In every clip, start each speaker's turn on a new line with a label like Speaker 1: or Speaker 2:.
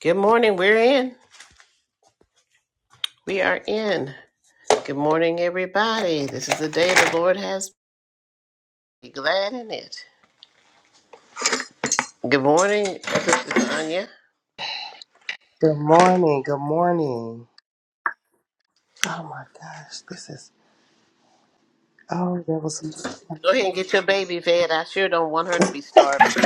Speaker 1: Good morning. We're in. We are in. Good morning, everybody. This is the day the Lord has. made. Be glad in it. Good morning, Sister Sonia.
Speaker 2: Good morning. Good morning. Oh my gosh, this is. Oh, there was some.
Speaker 1: Go ahead and get your baby fed. I sure don't want her to be starving.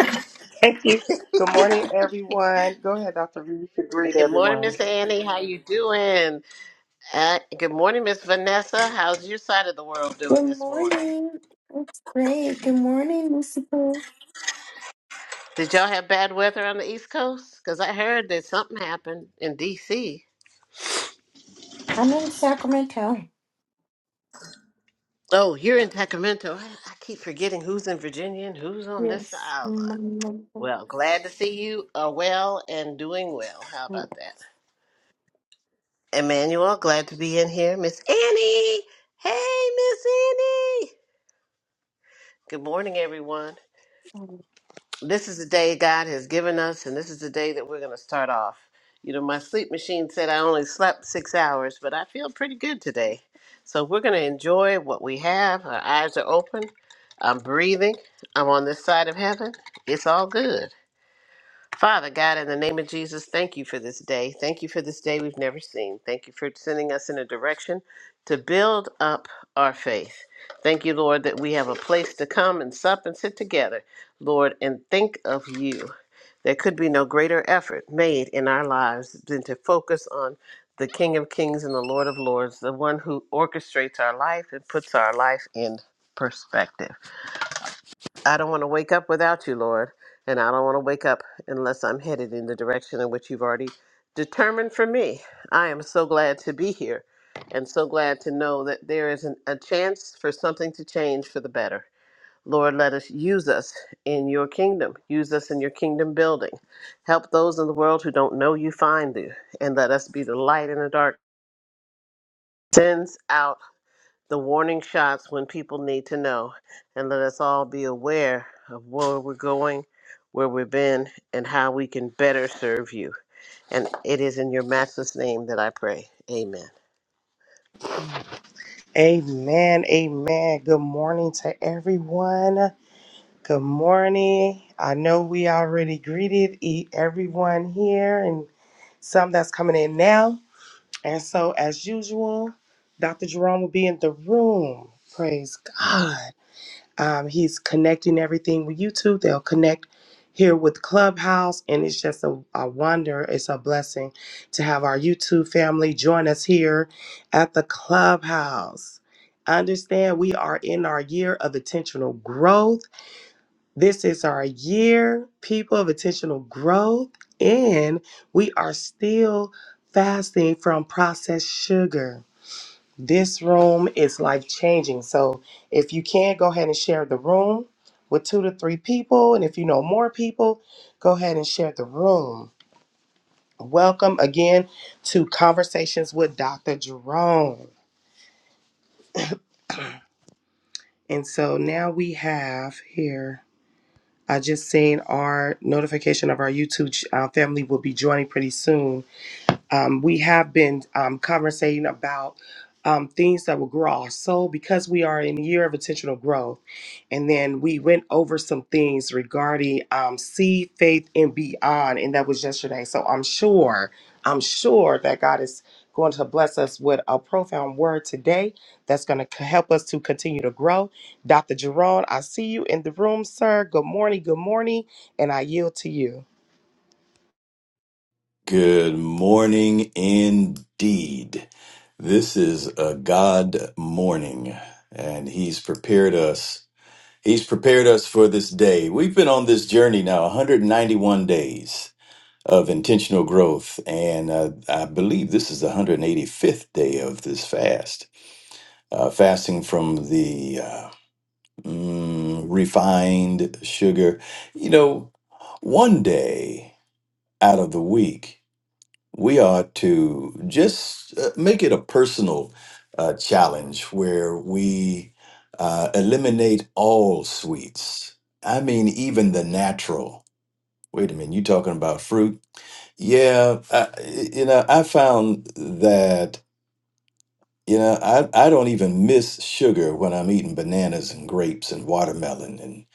Speaker 2: Thank you. Good morning, everyone. Go ahead, Dr. V. You could greet
Speaker 1: Good morning,
Speaker 2: everyone.
Speaker 1: Miss Annie. How you doing? Uh, good morning, Miss Vanessa. How's your side of the world doing
Speaker 3: Good
Speaker 1: this morning?
Speaker 3: morning. it's great. Good morning, Lucifer.
Speaker 1: Did y'all have bad weather on the East Coast? Because I heard that something happened in D.C.
Speaker 3: I'm in Sacramento.
Speaker 1: Oh, you're in Sacramento. I, I keep forgetting who's in Virginia and who's on this
Speaker 3: Yes.
Speaker 1: island. Well, glad to see you are well and doing well. How about
Speaker 3: Ooh.
Speaker 1: that? Emmanuel, glad to be in here. Miss Annie! Hey, Miss Annie! Good morning, everyone. This is the day God has given us, and this is the day that we're going to start off. You know, my sleep machine said I only slept six hours, but I feel pretty good today. So we're going to enjoy what we have. Our eyes are open. I'm breathing. I'm on this side of heaven. It's all good. Father God, in the name of Jesus, thank you for this day. Thank you for this day we've never seen. Thank you for sending us in a direction to build up our faith. Thank you, Lord, that we have a place to come and sup and sit together, Lord, and think of you. There could be no greater effort made in our lives than to focus on the King of Kings and the Lord of Lords, the one who orchestrates our life and puts our life in perspective. I don't want to wake up without you, Lord, and I don't want to wake up unless I'm headed in the direction in which you've already determined for me. I am so glad to be here and so glad to know that there is an, a chance for something to change for the better. Lord, let us use us in your kingdom. Use us in your kingdom building. Help those in the world who don't know you find you, and let us be the light in the dark. Sends out the warning shots when people need to know, and let us all be aware of where we're going, where we've been, and how we can better serve you. And it is in your matchless name that I pray. Amen.
Speaker 2: Amen. Amen. Good morning to everyone. Good morning. I know we already greeted e- everyone here and some that's coming in now. And so, as usual, Dr. Jerome will be in the room. Praise God. Um, he's connecting everything with YouTube. They'll connect here with Clubhouse, and it's just a, a wonder. It's a blessing to have our YouTube family join us here at the Clubhouse. Understand, we are in our year of intentional growth. This is our year, people, of intentional growth, and we are still fasting from processed sugar. This room is life changing. So if you can, go ahead and share the room with two to three people. And if you know more people, go ahead and share the room. Welcome again to Conversations with Dr. Jerome. And so now we have here, I just seen our notification of our YouTube ch- uh, family will be joining pretty soon. um, we have been um, conversating about um, things that will grow our soul because we are in the year of intentional growth. And then we went over some things regarding um, seed, faith, and beyond. And that was yesterday. So I'm sure, I'm sure that God is going to bless us with a profound word today that's going to help us to continue to grow. Dr. Jerome, I see you in the room, sir. Good morning. Good morning. And I yield to you.
Speaker 4: Good morning indeed. This is a God morning and he's prepared us. He's prepared us for this day. We've been on this journey now 191 days of intentional growth and uh, I believe this is the 185th day of this fast. Uh, fasting from the uh, mm, refined sugar. You know, one day out of the week we are to just uh, make it a personal uh, challenge where we uh, eliminate all sweets. I mean, even the natural. Wait a minute, you talking about fruit? Yeah, I, you know, I found that you know I I don't even miss sugar when I'm eating bananas and grapes and watermelon and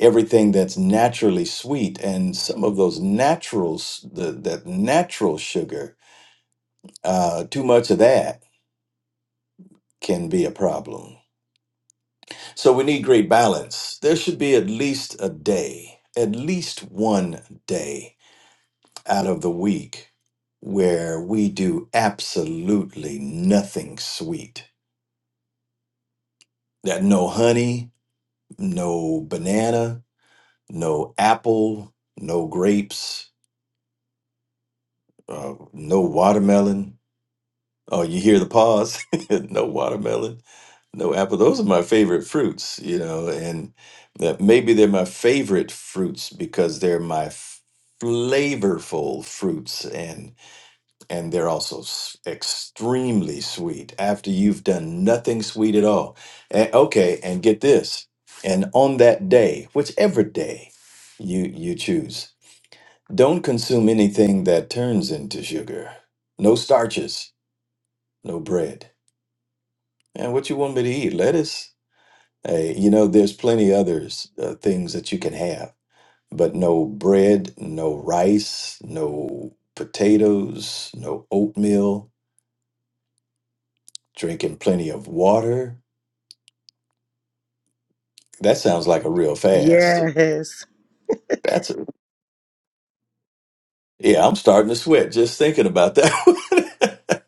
Speaker 4: everything that's naturally sweet and some of those naturals the that natural sugar uh, too much of that can be a problem. So we need great balance. There should be at least a day, at least one day out of the week where we do absolutely nothing sweet. That no honey, no banana, no apple, no grapes, uh, no watermelon. Oh, you hear the pause? no watermelon No apple. Those are my favorite fruits, you know, and that maybe they're my favorite fruits because they're my f- flavorful fruits and and they're also s- extremely sweet after you've done nothing sweet at all. And, okay, and get this. And on that day, whichever day you you choose, don't consume anything that turns into sugar. No starches, no bread. And what you want me to eat? Lettuce? Hey, you know, there's plenty others uh, things that you can have, but no bread, no rice, no potatoes, no oatmeal, drinking plenty of water. That sounds like a real fast.
Speaker 2: Yes.
Speaker 4: That's a, yeah, I'm starting to sweat just thinking about that. One.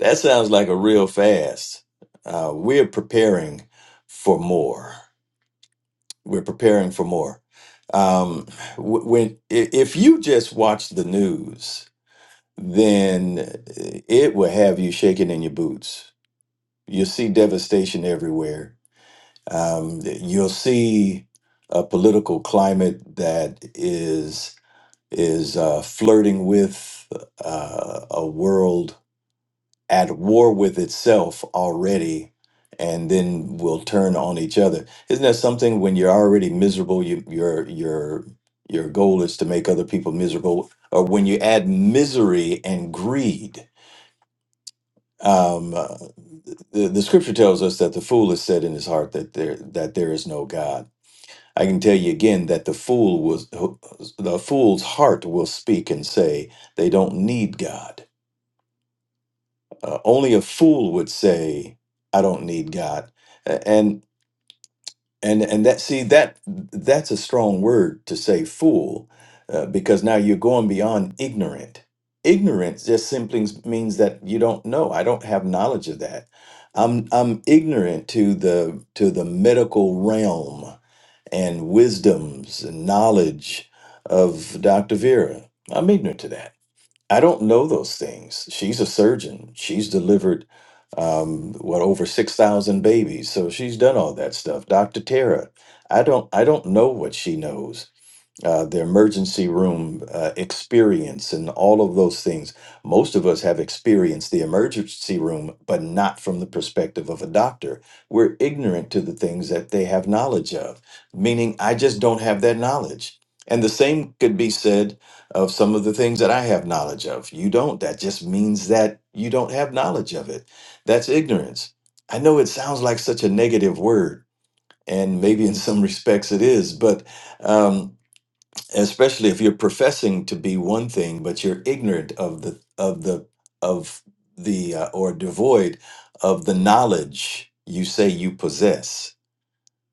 Speaker 4: That sounds like a real fast. Uh, we're preparing for more. We're preparing for more. Um, wh- when i- if you just watch the news then it will have you shaking in your boots. You'll see devastation everywhere. Um, you'll see a political climate that is is uh, flirting with uh, a world at war with itself already, and then will turn on each other. Isn't that something? When you're already miserable, you, your your your goal is to make other people miserable, or when you add misery and greed Um, uh, the, the scripture tells us that the fool has said in his heart that there that there is no God. I can tell you again that the fool was the fool's heart will speak and say they don't need God. Uh, only a fool would say I don't need God, A- and and and that see that that's a strong word to say fool uh, because now you're going beyond ignorant ignorance just simply means that you don't know i don't have knowledge of that i'm i'm ignorant to the to the medical realm and wisdoms and knowledge of dr vera i'm ignorant to that I don't know those things. She's a surgeon. She's delivered um what over 6,000 babies. So she's done all that stuff. Dr. Tara, I don't I don't know what she knows uh, the emergency room uh, experience and all of those things. Most of us have experienced the emergency room, but not from the perspective of a doctor. We're ignorant to the things that they have knowledge of, meaning I just don't have that knowledge. And the same could be said of some of the things that I have knowledge of. You don't. That just means that you don't have knowledge of it. That's ignorance. I know it sounds like such a negative word, and maybe in some respects it is, but. Um, especially if you're professing to be one thing but you're ignorant of the of the of the uh, or devoid of the knowledge you say you possess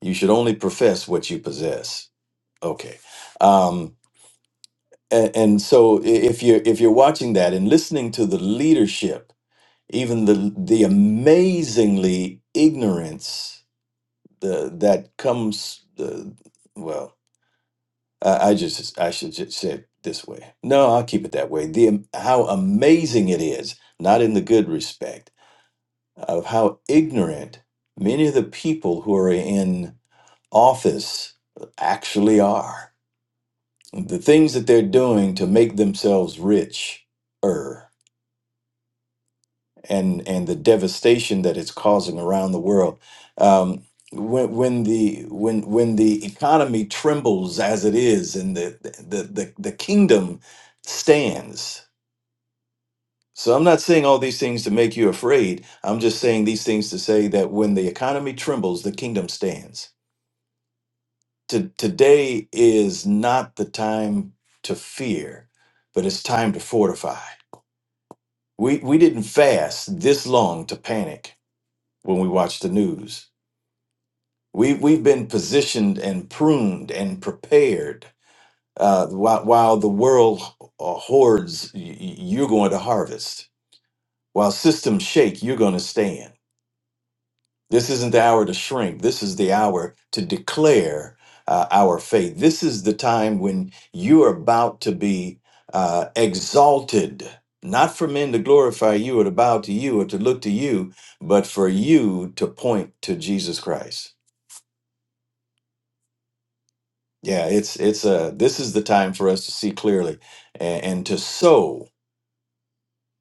Speaker 4: you should only profess what you possess okay um and, and so i- if you're if you're watching that and listening to the leadership even the the amazingly ignorance the, that comes uh, well I I just I should just say it this way. No, I'll keep it that way. The am- how amazing it is, not in the good respect, of how ignorant many of the people who are in office actually are. The things that they're doing to make themselves rich and and the devastation that it's causing around the world. Um, when when the when when the economy trembles as it is, and the the the, the kingdom stands. So I'm not saying all these things to make you afraid. I'm just saying these things to say that when the economy trembles, the kingdom stands. To, today is not the time to fear, but it's time to fortify. We we didn't fast this long to panic when we watch the news We've we've been positioned and pruned and prepared uh, while while the world uh, hoards. y- y- You're going to harvest while systems shake. You're going to stand. This isn't the hour to shrink. This is the hour to declare uh, our faith. This is the time when you are about to be uh, exalted, not for men to glorify you or to bow to you or to look to you, but for you to point to Jesus Christ. Yeah, it's it's uh this is the time for us to see clearly and, and to sow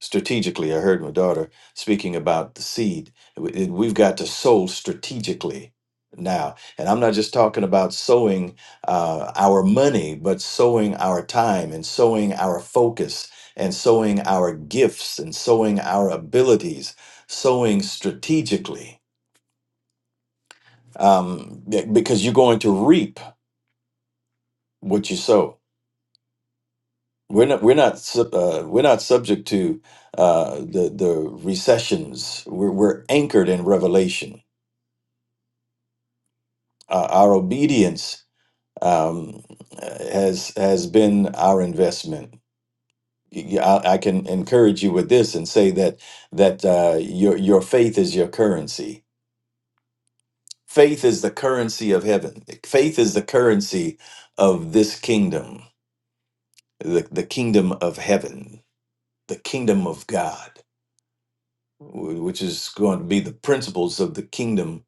Speaker 4: strategically. I heard my daughter speaking about the seed. We- it- We've got to sow strategically now, and I'm not just talking about sowing uh, our money, but sowing our time and sowing our focus and sowing our gifts and sowing our abilities, sowing strategically um, be- because you're going to reap what you sow We're not we're not sub- uh, we're not subject to uh, the the recessions. We're we're anchored in Revelation. Uh, our obedience um, has has been our investment. Y- I, I can encourage you with this and say that that uh, your your faith is your currency. Faith is the currency of heaven. Faith is the currency of this kingdom, the, the kingdom of heaven, the kingdom of God wh- which is going to be the principles of the kingdom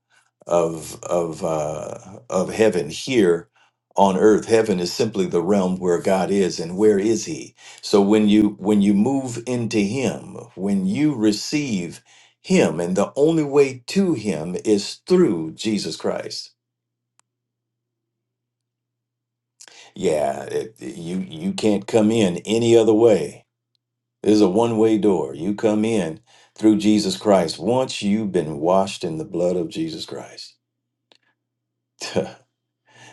Speaker 4: of of uh, of heaven here on earth. Heaven is simply the realm where God is, and where is He? So when you when you move into Him, when you receive Him, and the only way to Him is through Jesus Christ. Yeah, it, you you can't come in any other way This is a one way door. You come in through Jesus Christ. Once you've been washed in the blood of Jesus Christ,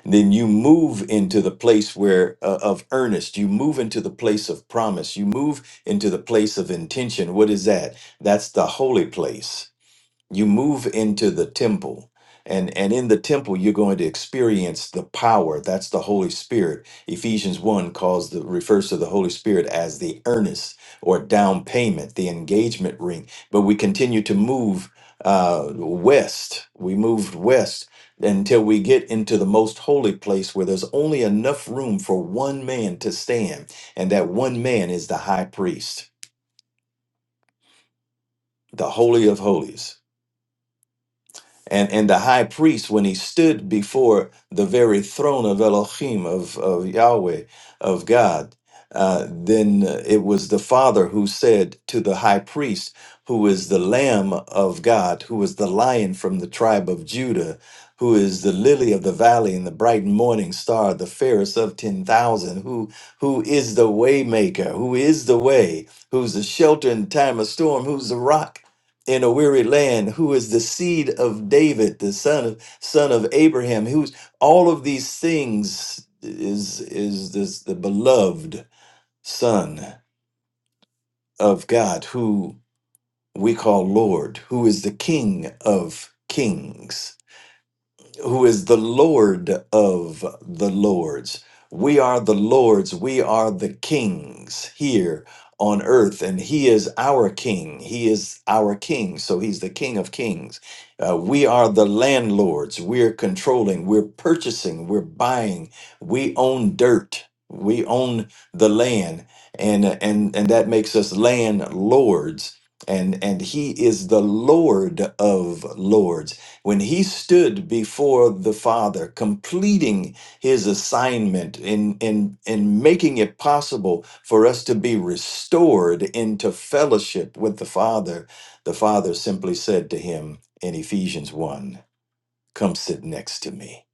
Speaker 4: then you move into the place where uh, of earnest. You move into the place of promise. You move into the place of intention. What is that? That's the holy place you move into the temple and and in the temple you're going to experience the power that's the holy spirit ephesians 1 calls the refers to the holy spirit as the earnest or down payment the engagement ring but we continue to move uh west we moved west until we get into the most holy place where there's only enough room for one man to stand and that one man is the high priest the holy of holies And, and the high priest, when he stood before the very throne of Elohim, of, of Yahweh, of God, uh, then uh, it was the Father who said to the high priest, who is the Lamb of God, who is the lion from the tribe of Judah, who is the lily of the valley and the bright morning star, the fairest of 10,000, who, who is the waymaker, who is the way, who's the shelter in time of storm, who's the rock in a weary land who is the seed of david the son of son of abraham who's all of these things is is this the beloved son of god who we call lord who is the king of kings who is the Lord of the Lords. We are the Lords, we are the kings here on earth, and He is our King. He is our King, so He's the King of Kings. Uh, we are the landlords, we're controlling, we're purchasing, we're buying, we own dirt. We own the land, and and and that makes us landlords. And and he is the Lord of lords when he stood before the father completing his assignment in in in making it possible for us to be restored into fellowship with the father the father simply said to him in Ephesians 1 come sit next to me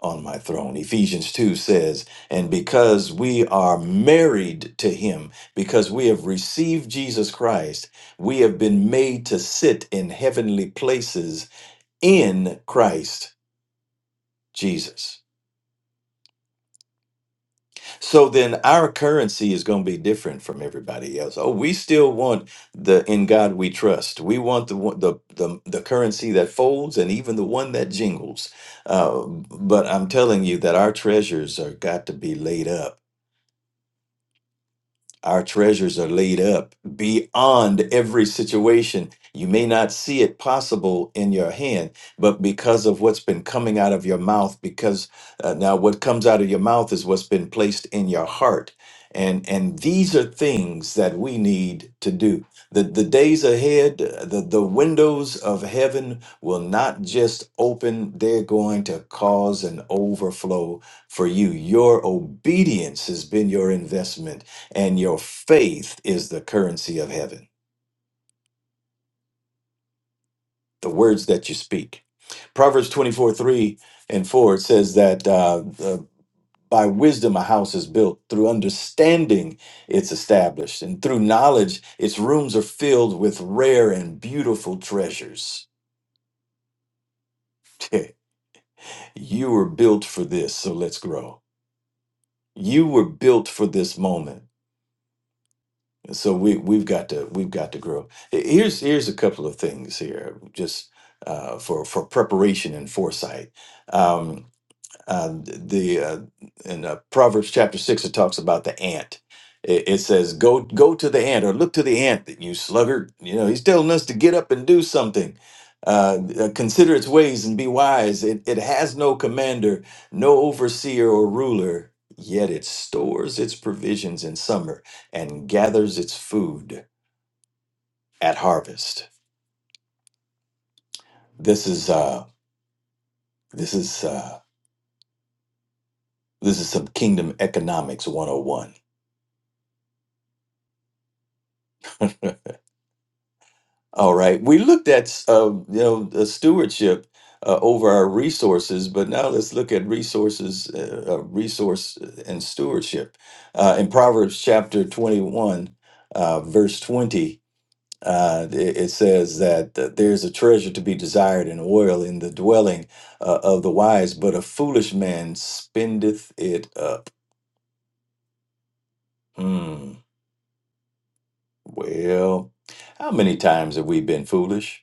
Speaker 4: on my throne Ephesians 2 says and because we are married to him because we have received Jesus Christ we have been made to sit in heavenly places in Christ Jesus. So then our currency is going to be different from everybody else. Oh, we still want the in God we trust. We want the one- the the, the currency that folds and even the one that jingles. Uh, but I'm telling you that our treasures are got to be laid up Our treasures are laid up beyond every situation. You may not see it possible in your hand, but because of what's been coming out of your mouth, because uh, now what comes out of your mouth is what's been placed in your heart. And, and these are things that we need to do. The, the days ahead, uh, the, the windows of heaven will not just open, they're going to cause an overflow for you. Your obedience has been your investment and your faith is the currency of heaven the words that you speak proverbs 24 3 and 4 it says that uh, uh, by wisdom a house is built through understanding it's established and through knowledge its rooms are filled with rare and beautiful treasures you were built for this so let's grow you were built for this moment so we we've got to we've got to grow. Here's here's a couple of things here, just uh, for for preparation and foresight. Um, uh, the uh, in uh, Proverbs chapter six, it talks about the ant. It, it says, "Go, go to the ant, or look to the ant, that you sluggard." You know, he's telling us to get up and do something. Uh, uh, consider its ways and be wise. It, it has no commander, no overseer or ruler. Yet it stores its provisions in summer and gathers its food at harvest. This is uh, this is uh, this is some kingdom economics 101. All right. We looked at uh, you know the stewardship uh, over our resources, but now let's look at resources, uh, uh, resource uh, and stewardship. Uh, in Proverbs chapter twenty-one, uh, verse twenty, uh, it, it says that uh, there's a treasure to be desired in oil in the dwelling uh, of the wise, but a foolish man spendeth it up. Hmm. Well, how many times have we been foolish?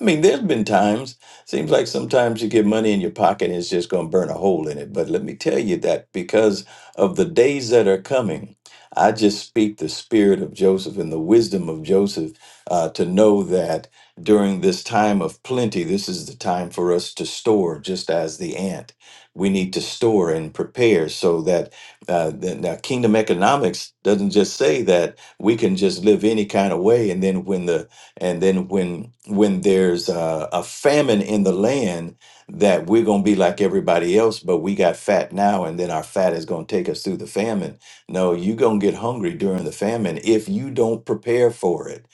Speaker 4: I mean, there's been times, seems like sometimes you get money in your pocket and it's just going to burn a hole in it. But let me tell you that because of the days that are coming, I just speak the spirit of Joseph and the wisdom of Joseph uh, to know that during this time of plenty, this is the time for us to store, just as the ant. We need to store and prepare so that uh, the, now kingdom economics doesn't just say that we can just live any kind of way. And then when the and then when when there's a, a famine in the land that we're going to be like everybody else but we got fat now and then our fat is going to take us through the famine no you're going to get hungry during the famine if you don't prepare for it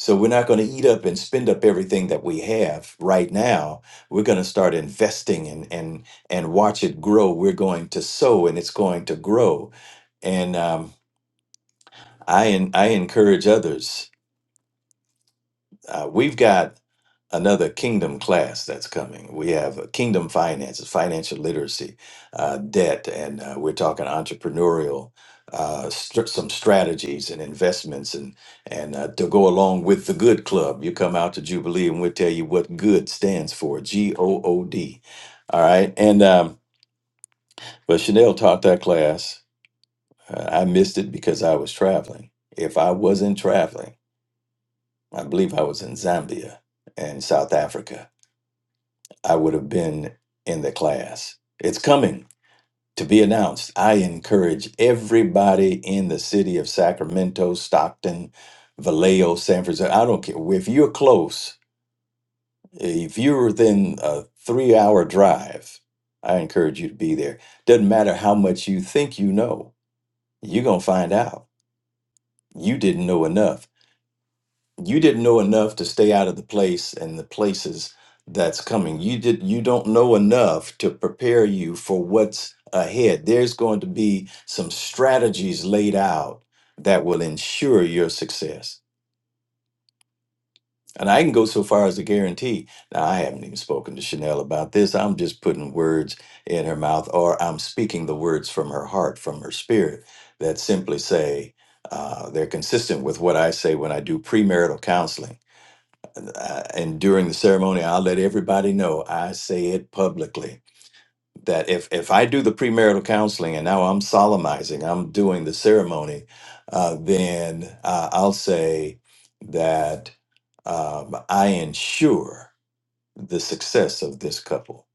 Speaker 4: so we're not going to eat up and spend up everything that we have right now we're going to start investing and and and watch it grow we're going to sow and it's going to grow and um, i en- i encourage others uh, we've got another kingdom class that's coming. We have uh, kingdom finances, financial literacy, uh, debt, and uh, we're talking entrepreneurial, uh, str- some strategies and investments, and and uh, to go along with the Good Club. You come out to Jubilee, and we'll tell you what good stands for. G O O D. All right, and um, but Chanel taught that class. Uh, I missed it because I was traveling. If I wasn't traveling, I believe I was in Zambia and South Africa I would have been in the class. It's coming to be announced. I encourage everybody in the city of Sacramento, Stockton, Vallejo, San Francisco. I don't care. If you're close, if you're within a three hour drive, I encourage you to be there. Doesn't matter how much you think you know, you're going to find out. You didn't know enough you didn't know enough to stay out of the place and the places that's coming you did you don't know enough to prepare you for what's ahead there's going to be some strategies laid out that will ensure your success and i can go so far as to guarantee now i haven't even spoken to chanel about this i'm just putting words in her mouth or i'm speaking the words from her heart from her spirit that simply say uh, they're consistent with what i say when i do premarital counseling uh, and during the ceremony, I'll let everybody know. I say it publicly that if if I do the premarital counseling and now I'm solemnizing, I'm doing the ceremony, uh, then uh, I'll say that um, I ensure the success of this couple.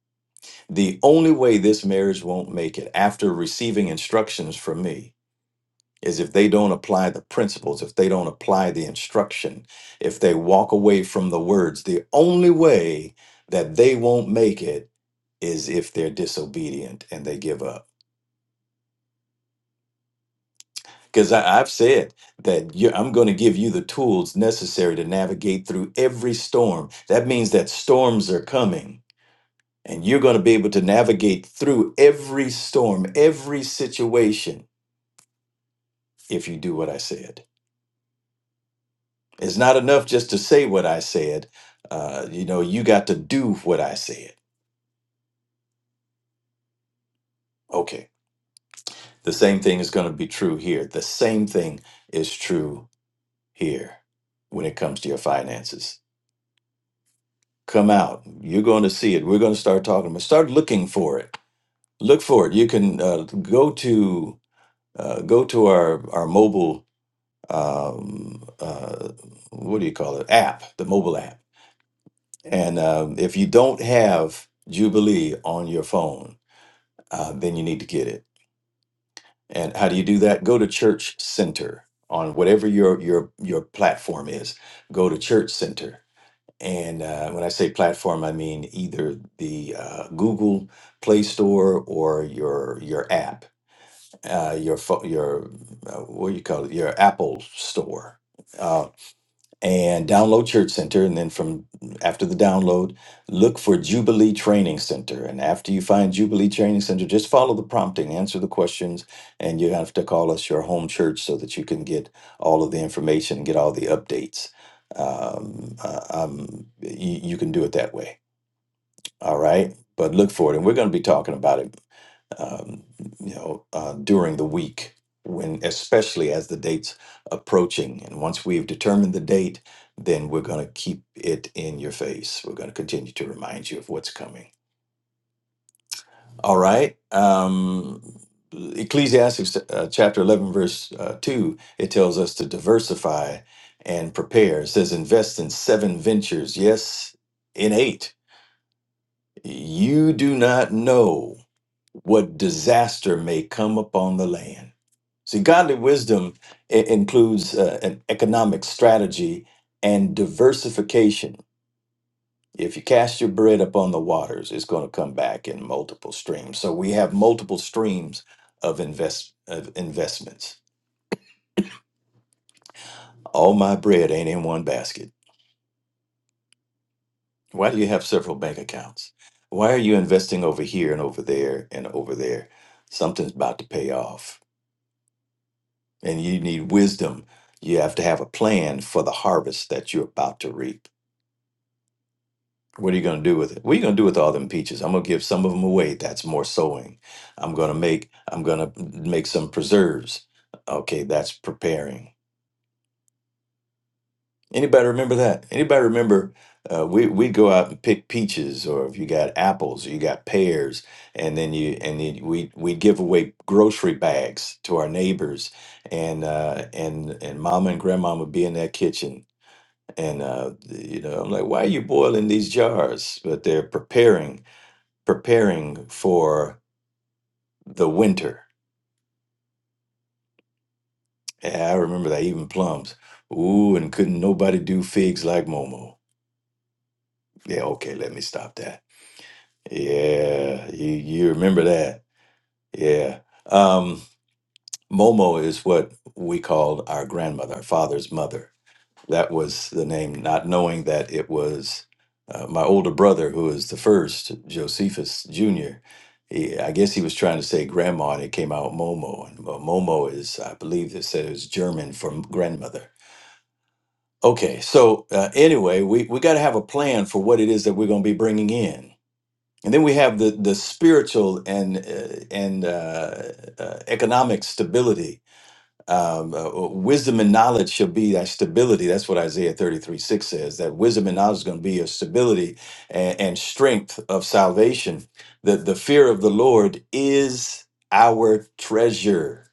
Speaker 4: The only way this marriage won't make it after receiving instructions from me is if they don't apply the principles, if they don't apply the instruction, if they walk away from the words, the only way that they won't make it is if they're disobedient and they give up. Because I've said that you, I'm going to give you the tools necessary to navigate through every storm. That means that storms are coming, and you're going to be able to navigate through every storm, every situation, if you do what I said. It's not enough just to say what I said. Uh, you know, you got to do what I said. Okay. The same thing is going to be true here. The same thing is true here when it comes to your finances. Come out. You're going to see it. We're going to start talking about. Start looking for it. Look for it. You can uh, go to uh, go to our our mobile um, uh, what do you call it app, the mobile app. And um, if you don't have Jubilee on your phone, uh, then you need to get it. And how do you do that? Go to Church Center on whatever your your your platform is. Go to Church Center, and uh, when I say platform, I mean either the uh, Google Play Store or your your app, uh, your pho- your uh, what do you call it, your Apple Store. uh, and download Church Center. And then from after the download, look for Jubilee Training Center. And after you find Jubilee Training Center, just follow the prompting, answer the questions, and you have to call us your home church so that you can get all of the information and get all the updates. Um, uh, um, you, you can do it that way. All right. But look for it. And we're going to be talking about it um, you know, uh, during the week, when especially as the date's approaching. And once we've determined the date, then we're going to keep it in your face. We're going to continue to remind you of what's coming. All right. Um, Ecclesiastes uh, chapter 11, verse uh, 2, it tells us to diversify and prepare. It says, invest in seven ventures. Yes, in eight. You do not know. what disaster may come upon the land. See, godly wisdom i- includes uh, an economic strategy and diversification. If you cast your bread upon the waters, it's going to come back in multiple streams. So we have multiple streams of invest of investments. All my bread ain't in one basket. Why do you have several bank accounts? Why are you investing over here and over there and over there? Something's about to pay off and you need wisdom. You have to have a plan for the harvest that you're about to reap. What are you going to do with it? What are you going to do with all them peaches? I'm going to give some of them away. That's more sowing. I'm going to make I'm going to make some preserves. Okay, that's preparing. Anybody remember that? Anybody remember uh, we we'd go out and pick peaches or if you got apples or you got pears and then you and then we we give away grocery bags to our neighbors and uh, and and mama and grandma would be in that kitchen and uh, you know, I'm like, why are you boiling these jars? But they're preparing, preparing for the winter. And I remember that even plums. Ooh, and couldn't nobody do figs like Momo. Yeah, okay, let me stop that. Yeah, you, you remember that? Yeah. Um, Momo is what we called our grandmother, our father's mother That was the name, not knowing that it was uh, my older brother, who is the first, Josephus Jr. He, I guess he was trying to say grandma, and it came out Momo. And Mo- Momo is, I believe, they said it was German for m- grandmother. Okay, so uh, anyway, we, we got to have a plan for what it is that we're going to be bringing in. And then we have the, the spiritual and, uh, and uh, uh, economic stability um, uh, uh, wisdom and knowledge shall be that stability. That's what Isaiah 33 6 says that wisdom and knowledge is going to be your stability and, and strength of salvation. That the fear of the Lord is our treasure.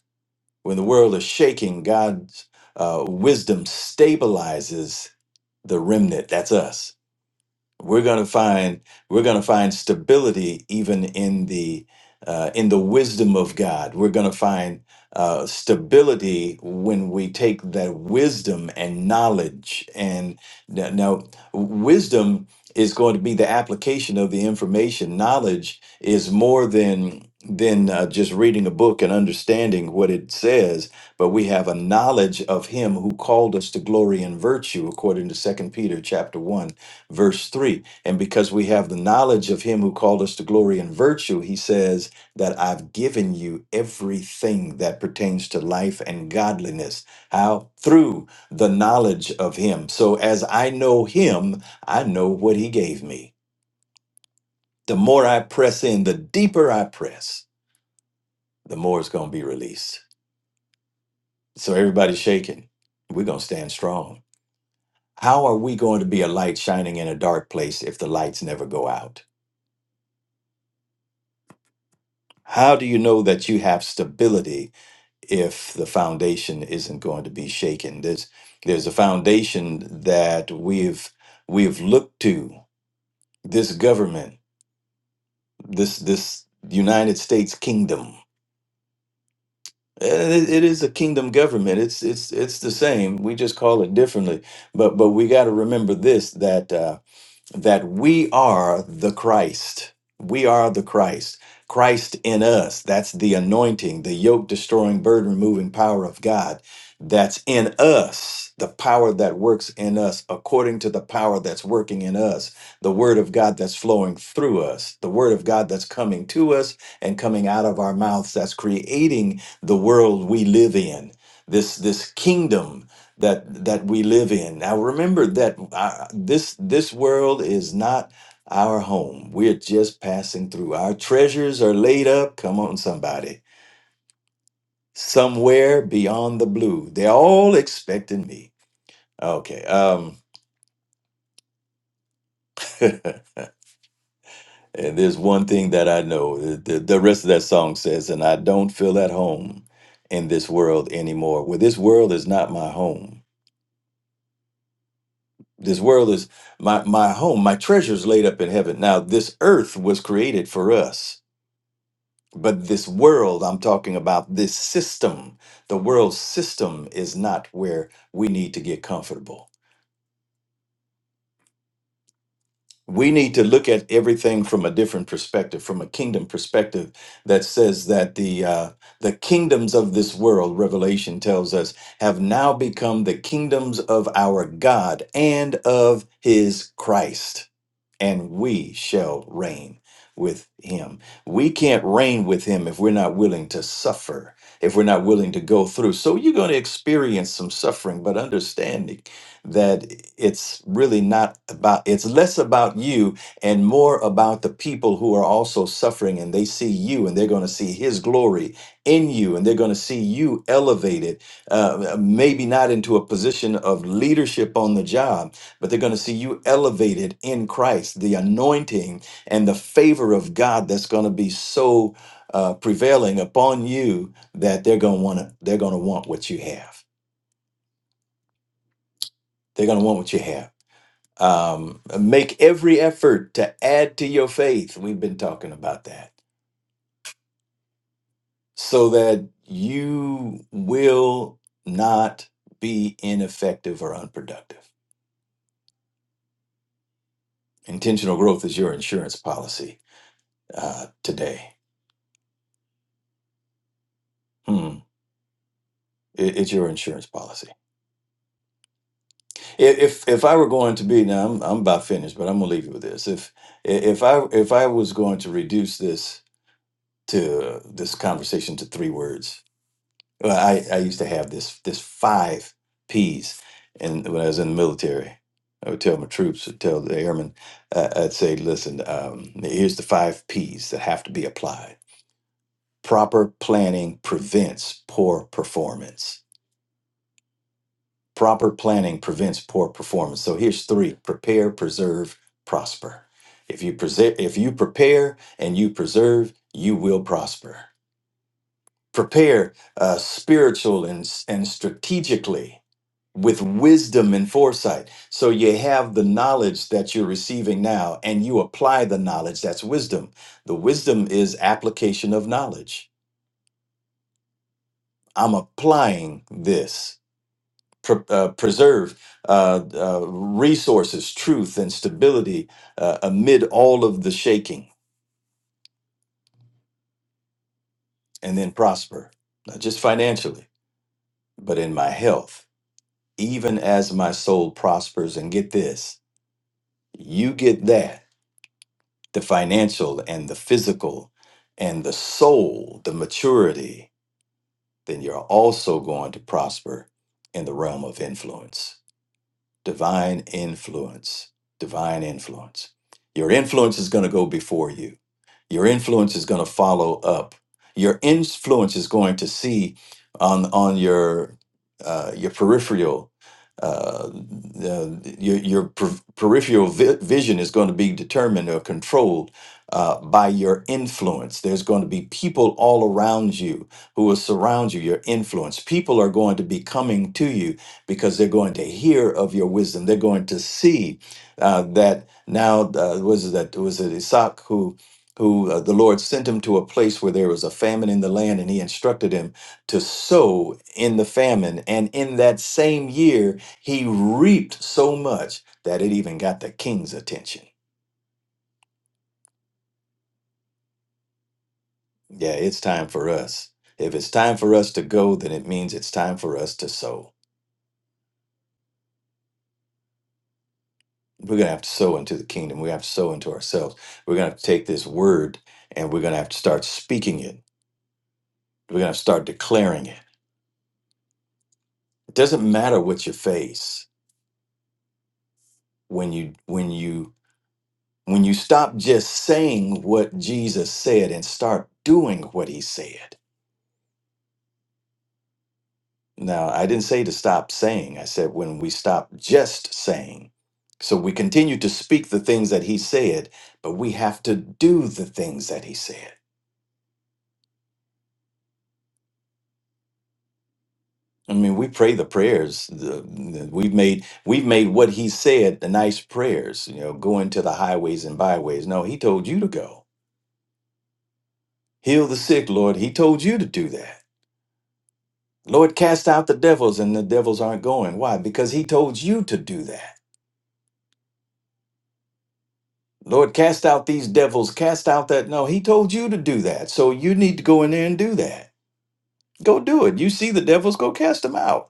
Speaker 4: When the world is shaking, God's uh, wisdom stabilizes the remnant. That's us we're going to find we're going to find stability even in the uh, in the wisdom of God. We're going to find uh, stability when we take that wisdom and knowledge. And now, now wisdom is going to be the application of the information. Knowledge is more than than uh, just reading a book and understanding what it says but we have a knowledge of him who called us to glory and virtue according to Second peter chapter 1 verse 3 and because we have the knowledge of him who called us to glory and virtue he says that i've given you everything that pertains to life and godliness how through the knowledge of him so as i know him i know what he gave me the more i press in the deeper i press the more it's going to be released so everybody's shaking we're going to stand strong how are we going to be a light shining in a dark place if the lights never go out How do you know that you have stability if the foundation isn't going to be shaken? There's there's a foundation that we've we've looked to. This government, this this United States kingdom. Eh, It, it is a kingdom government. It's it's it's the same. We just call it differently. But but we got to remember this that. uh, that we are the Christ. We are the Christ. Christ in us. That's the anointing, the yoke destroying, burden removing power of God that's in us, the power that works in us according to the power that's working in us, the word of God that's flowing through us, the word of God that's coming to us and coming out of our mouths that's creating the world we live in. This this kingdom that that we live in. Now remember that uh, this this world is not our home. We're just passing through. Our treasures are laid up, come on somebody, somewhere beyond the blue. They're all expecting me. Okay. Um and there's one thing that I know. The, the rest of that song says and I don't feel at home in this world anymore. Well, this world is not my home this world is my my home my treasures laid up in heaven now this earth was created for us but this world i'm talking about this system the world system is not where we need to get comfortable we need to look at everything from a different perspective from a kingdom perspective that says that the uh, the kingdoms of this world revelation tells us have now become the kingdoms of our god and of his christ and we shall reign with him. We can't reign with him if we're not willing to suffer, if we're not willing to go through. So you're going to experience some suffering, but understanding that it's really not about, it's less about you and more about the people who are also suffering and they see you and they're going to see his glory in you and they're going to see you elevated, uh, maybe not into a position of leadership on the job but they're going to see you elevated in Christ, the anointing and the favor of God that's going to be so uh, prevailing upon you that they're going to want to they're going to want what you have. They're going to want what you have. Um, make every effort to add to your faith. We've been talking about that so that you will not be ineffective or unproductive. Intentional growth is your insurance policy uh, today. Hmm. It, it's your insurance policy. I- If if I were going to be now, I'm I'm about finished, but I'm gonna leave you with this. If if I if I was going to reduce this to this conversation to three words, well, I I used to have this this five P's, and when I was in the military, I would tell my troops, I'd tell the airmen, uh, I'd say, listen, um, here's the five P's that have to be applied. Proper planning prevents poor performance Proper planning prevents poor performance. So here's three: prepare, preserve, prosper. If you present, if you prepare and you preserve, you will prosper. Prepare uh, spiritual and and strategically with wisdom and foresight. So you have the knowledge that you're receiving now, and you apply the knowledge. That's wisdom. The wisdom is application of knowledge. I'm applying this. pr- uh, preserve uh, uh, resources, truth, and stability uh, amid all of the shaking, and then prosper, not just financially, but in my health, even as my soul prospers. And get this you get that the financial and the physical and the soul, the maturity, then you're also going to prosper in the realm of influence. divine influence divine influence your influence is going to go before you your influence is going to follow up. Your influence is going to see on on your uh, your peripheral. Uh, the, your your per- peripheral vi- vision is going to be determined or controlled uh, by your influence. There's going to be people all around you who will surround you, your influence. People are going to be coming to you because they're going to hear of your wisdom. They're going to see uh, that now, uh, was it that, was it Isaac who who uh, the Lord sent him to a place where there was a famine in the land, and he instructed him to sow in the famine. And in that same year, he reaped so much that it even got the king's attention. Yeah, it's time for us. If it's time for us to go, then it means it's time for us to sow. We're going to have to sow into the kingdom. We have to sow into ourselves. We're going to have to take this word and we're going to have to start speaking it. We're going to start declaring it. It doesn't matter what you face when you when you When you stop just saying what Jesus said and start doing what he said. Now, I didn't say to stop saying, I said when we stop just saying. So we continue to speak the things that he said, but we have to do the things that he said. I mean, we pray the prayers. the- the- We've made we've made what he said the nice prayers. You know, going to the highways and byways. No, he told you to go heal the sick, Lord. He told you to do that. Lord, cast out the devils, and the devils aren't going. Why? Because he told you to do that. Lord, cast out these devils, cast out that. No, he told you to do that. So you need to go in there and do that. Go do it. You see the devils, go cast them out.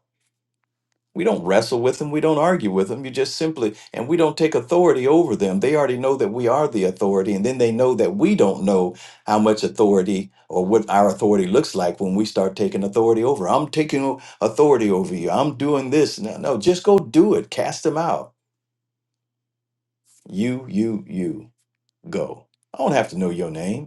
Speaker 4: We don't wrestle with them. We don't argue with them. You just simply, and we don't take authority over them. They already know that we are the authority. And then they know that we don't know how much authority or what our authority looks like when we start taking authority over. I'm taking o- authority over you. I'm doing this. No, no, just go do it. Cast them out. You, you, you, go. I don't have to know your name.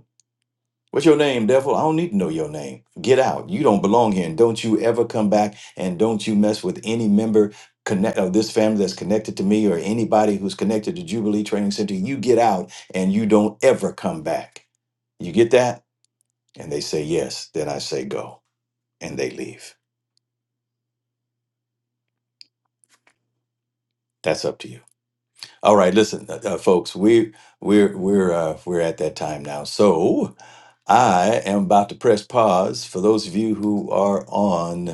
Speaker 4: What's your name, devil? I don't need to know your name. Get out. You don't belong here. And don't you ever come back and don't you mess with any member connect of this family that's connected to me or anybody who's connected to Jubilee Training Center. You get out and you don't ever come back. You get that? And they say yes. Then I say go and they leave. That's up to you. All right, listen, uh, uh, folks. We we're we're uh, we're at that time now. So I am about to press pause for those of you who are on.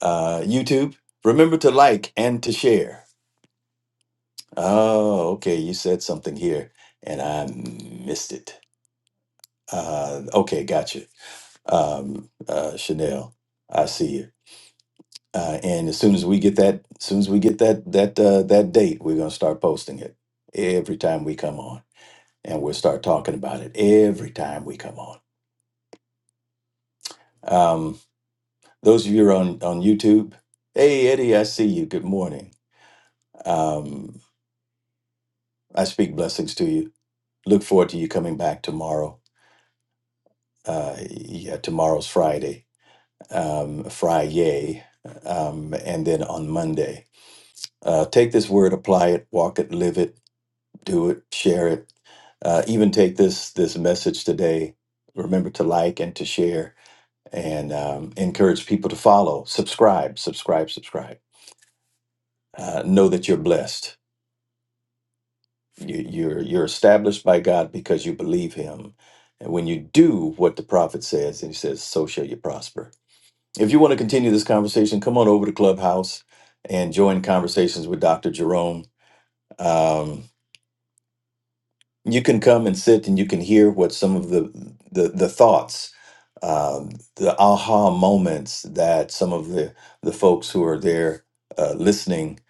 Speaker 4: Uh, YouTube, remember to like and to share. Oh, okay. You said something here and I missed it. Uh, okay, gotcha. Um, uh, Chanel, I see you. Uh, and as soon as we get that, as soon as we get that that uh, that date, we're gonna start posting it every time we come on, and we'll start talking about it every time we come on. Um, those of you who are on on YouTube, hey Eddie, I see you. Good morning. Um, I speak blessings to you look forward to you coming back tomorrow. Uh, yeah, tomorrow's Friday, um, Friday, um, and then on Monday. Uh, take this word, apply it, walk it, live it, do it, share it. Uh, even take this this message today. Remember to like and to share, and um, encourage people to follow, subscribe, subscribe, subscribe. Uh, know that you're blessed You, you're you're established by God because you believe Him, and when you do what the prophet says, and he says, "So shall you prosper." If you want to continue this conversation, come on over to Clubhouse and join conversations with Dr. Jerome. Um, you can come and sit, and you can hear what some of the the, the thoughts um, the aha moments that some of the, the folks who are there uh, listening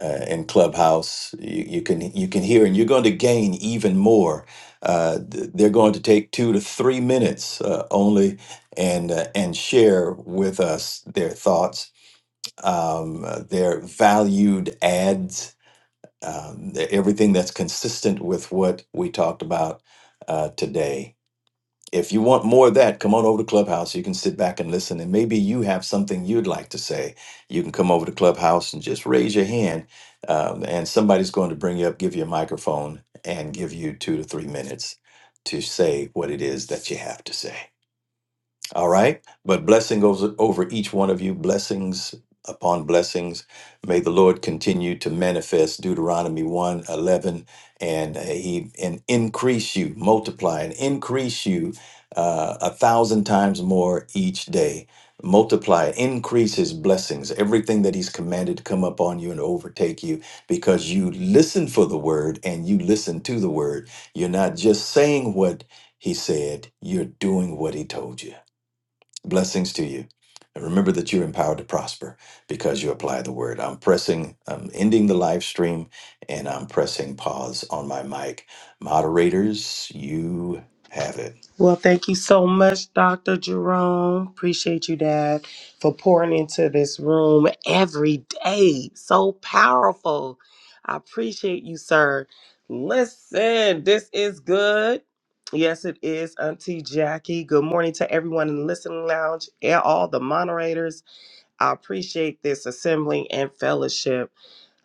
Speaker 4: uh, in Clubhouse, you, you can you can hear, and you're going to gain even more. Uh, th- they're going to take two to three minutes uh, only, and uh, and share with us their thoughts, um, uh, their valued ads, um, everything that's consistent with what we talked about uh, today if you want more of that, come on over to Clubhouse. You can sit back and listen. And maybe you have something you'd like to say. You can come over to Clubhouse and just raise your hand. Um, and somebody's going to bring you up, give you a microphone, and give you two to three minutes to say what it is that you have to say. All right. But blessing goes over each one of you, blessings upon blessings. May the Lord continue to manifest Deuteronomy one 11, and uh, he and increase you, multiply and increase you uh, a thousand times more each day. Multiply, increase his blessings, everything that he's commanded to come upon you and overtake you because you listen for the word and you listen to the word. You're not just saying what he said, you're doing what he told you. Blessings to you. And remember that you're empowered to prosper because you apply the word. I'm pressing, I'm ending the live stream and I'm pressing pause on my mic. Moderators, you have it.
Speaker 2: Well, thank you so much, Dr. Jerome. Appreciate you, Dad, for pouring into this room every day. So powerful. I appreciate you, sir. Listen, this is good. Yes, it is, Auntie Jackie. Good morning to everyone in the listening lounge and all the moderators. I appreciate this assembling and fellowship.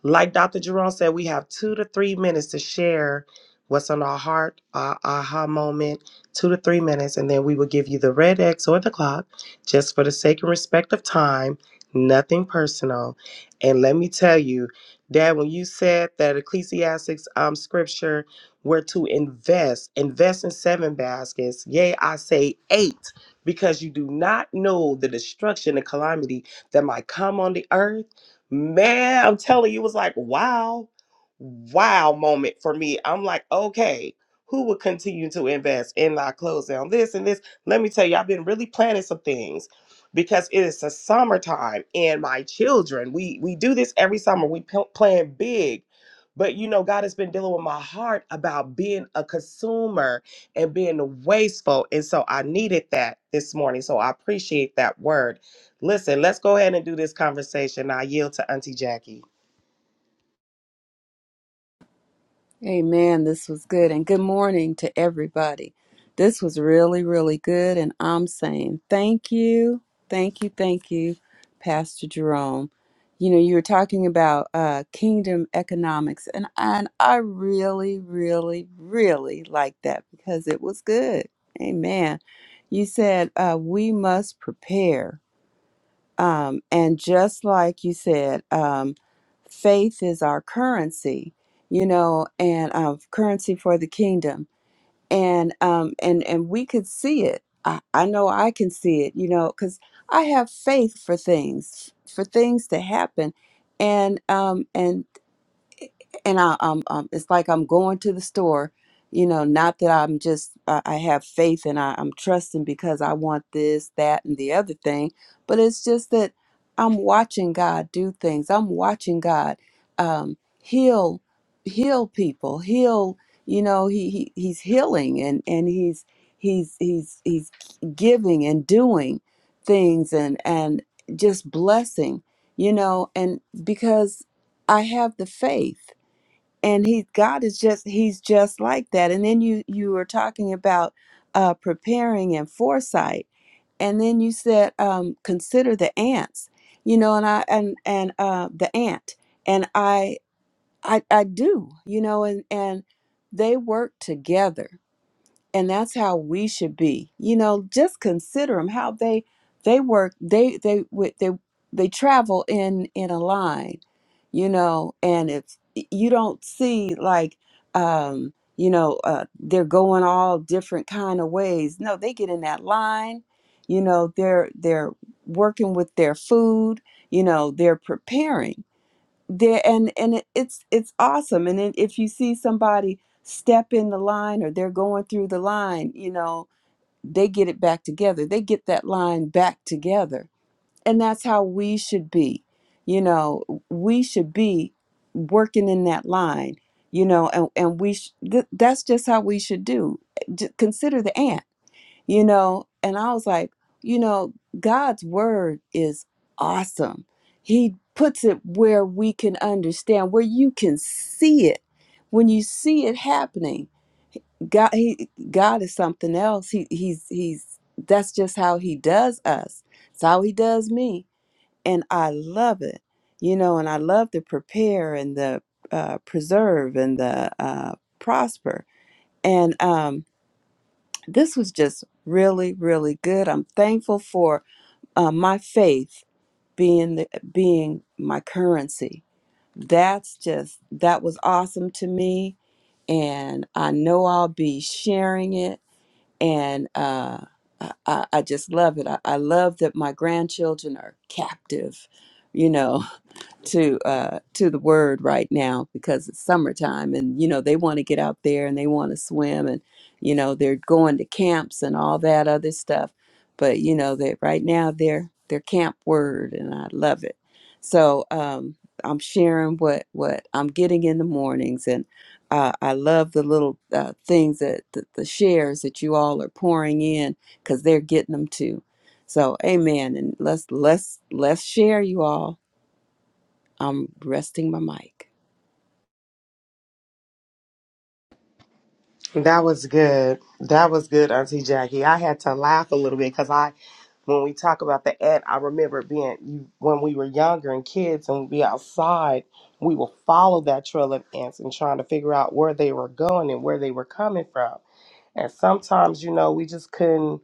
Speaker 2: Like Dr. Jerome said, we have two to three minutes to share what's on our heart, our aha moment, two to three minutes, and then we will give you the red X or the clock just for the sake and respect of time, nothing personal. And let me tell you, Dad, when you said that Ecclesiastics um, scripture were to invest, invest in seven baskets, yea, I say eight, because you do not know the destruction and calamity that might come on the earth Man, I'm telling you, it was like, wow, wow moment for me. I'm like, okay, who would continue to invest in my clothes on this and this? Let me tell you, I've been really planning some things because it is the summertime and my children, we we do this every summer. We p- plan big. But you know, God has been dealing with my heart about being a consumer and being wasteful. And so I needed that this morning. So I appreciate that word. Listen, let's go ahead and do this conversation. I yield to Auntie Jackie.
Speaker 5: Amen. This was good. And good morning to everybody. This was really, really good. And I'm saying thank you, thank you, thank you, Pastor Jerome. You know, you were talking about uh, kingdom economics, and, and I really, really, really like that because it was good. Amen. You said uh, we must prepare. Um, and just like you said, um, faith is our currency, you know, and uh, currency for the kingdom. And um, and and we could see it. I, I know I can see it, you know, because I have faith for things, for things to happen, and um, and and I, um, um, it's like I'm going to the store, you know, not that I'm just, uh, I have faith and I, I'm trusting because I want this, that, and the other thing, but it's just that I'm watching God do things. I'm watching God um, heal, heal people, heal, you know, he, he he's healing and, and he's, he's, he's, he's giving and doing things and, and just blessing, you know, and because I have the faith and he god is just he's just like that and then you you were talking about uh preparing and foresight and then you said um consider the ants you know and i and and uh the ant and i i i do you know and and they work together and that's how we should be you know just consider them how they they work they they would they they travel in in a line you know and it's you don't see like um you know uh, they're going all different kind of ways no they get in that line you know they're they're working with their food you know they're preparing there and and it, it's it's awesome and then if you see somebody step in the line or they're going through the line you know they get it back together they get that line back together and that's how we should be you know we should be working in that line you know and and we sh- th- that's just how we should do eh, J- consider the ant you know and i was like you know god's word is awesome he puts it where we can understand where you can see it when you see it happening god he god is something else he he's he's that's just how he does us it's how he does me and i love it you know and i love the prepare and the uh, preserve and the uh, prosper and um, this was just really really good i'm thankful for uh, my faith being the, being my currency that's just that was awesome to me and i know i'll be sharing it and uh, I, I I just love it I, I love that my grandchildren are captive you know to uh to the word right now because it's summertime and you know they want to get out there and they want to swim and you know they're going to camps and all that other stuff but you know that right now they're they're camp word and i love it so um i'm sharing what what i'm getting in the mornings and uh, i love the little uh, things that the, the shares that you all are pouring in because they're getting them too so amen and let's let's let's share you all I'm resting my mic.
Speaker 2: That was good. That was good, Auntie Jackie. I had to laugh a little bit because I, when we talk about the ant, I remember being you when we were younger and kids and we'd be outside, we would follow that trail of ants and trying to figure out where they were going and where they were coming from. And sometimes, you know, we just couldn't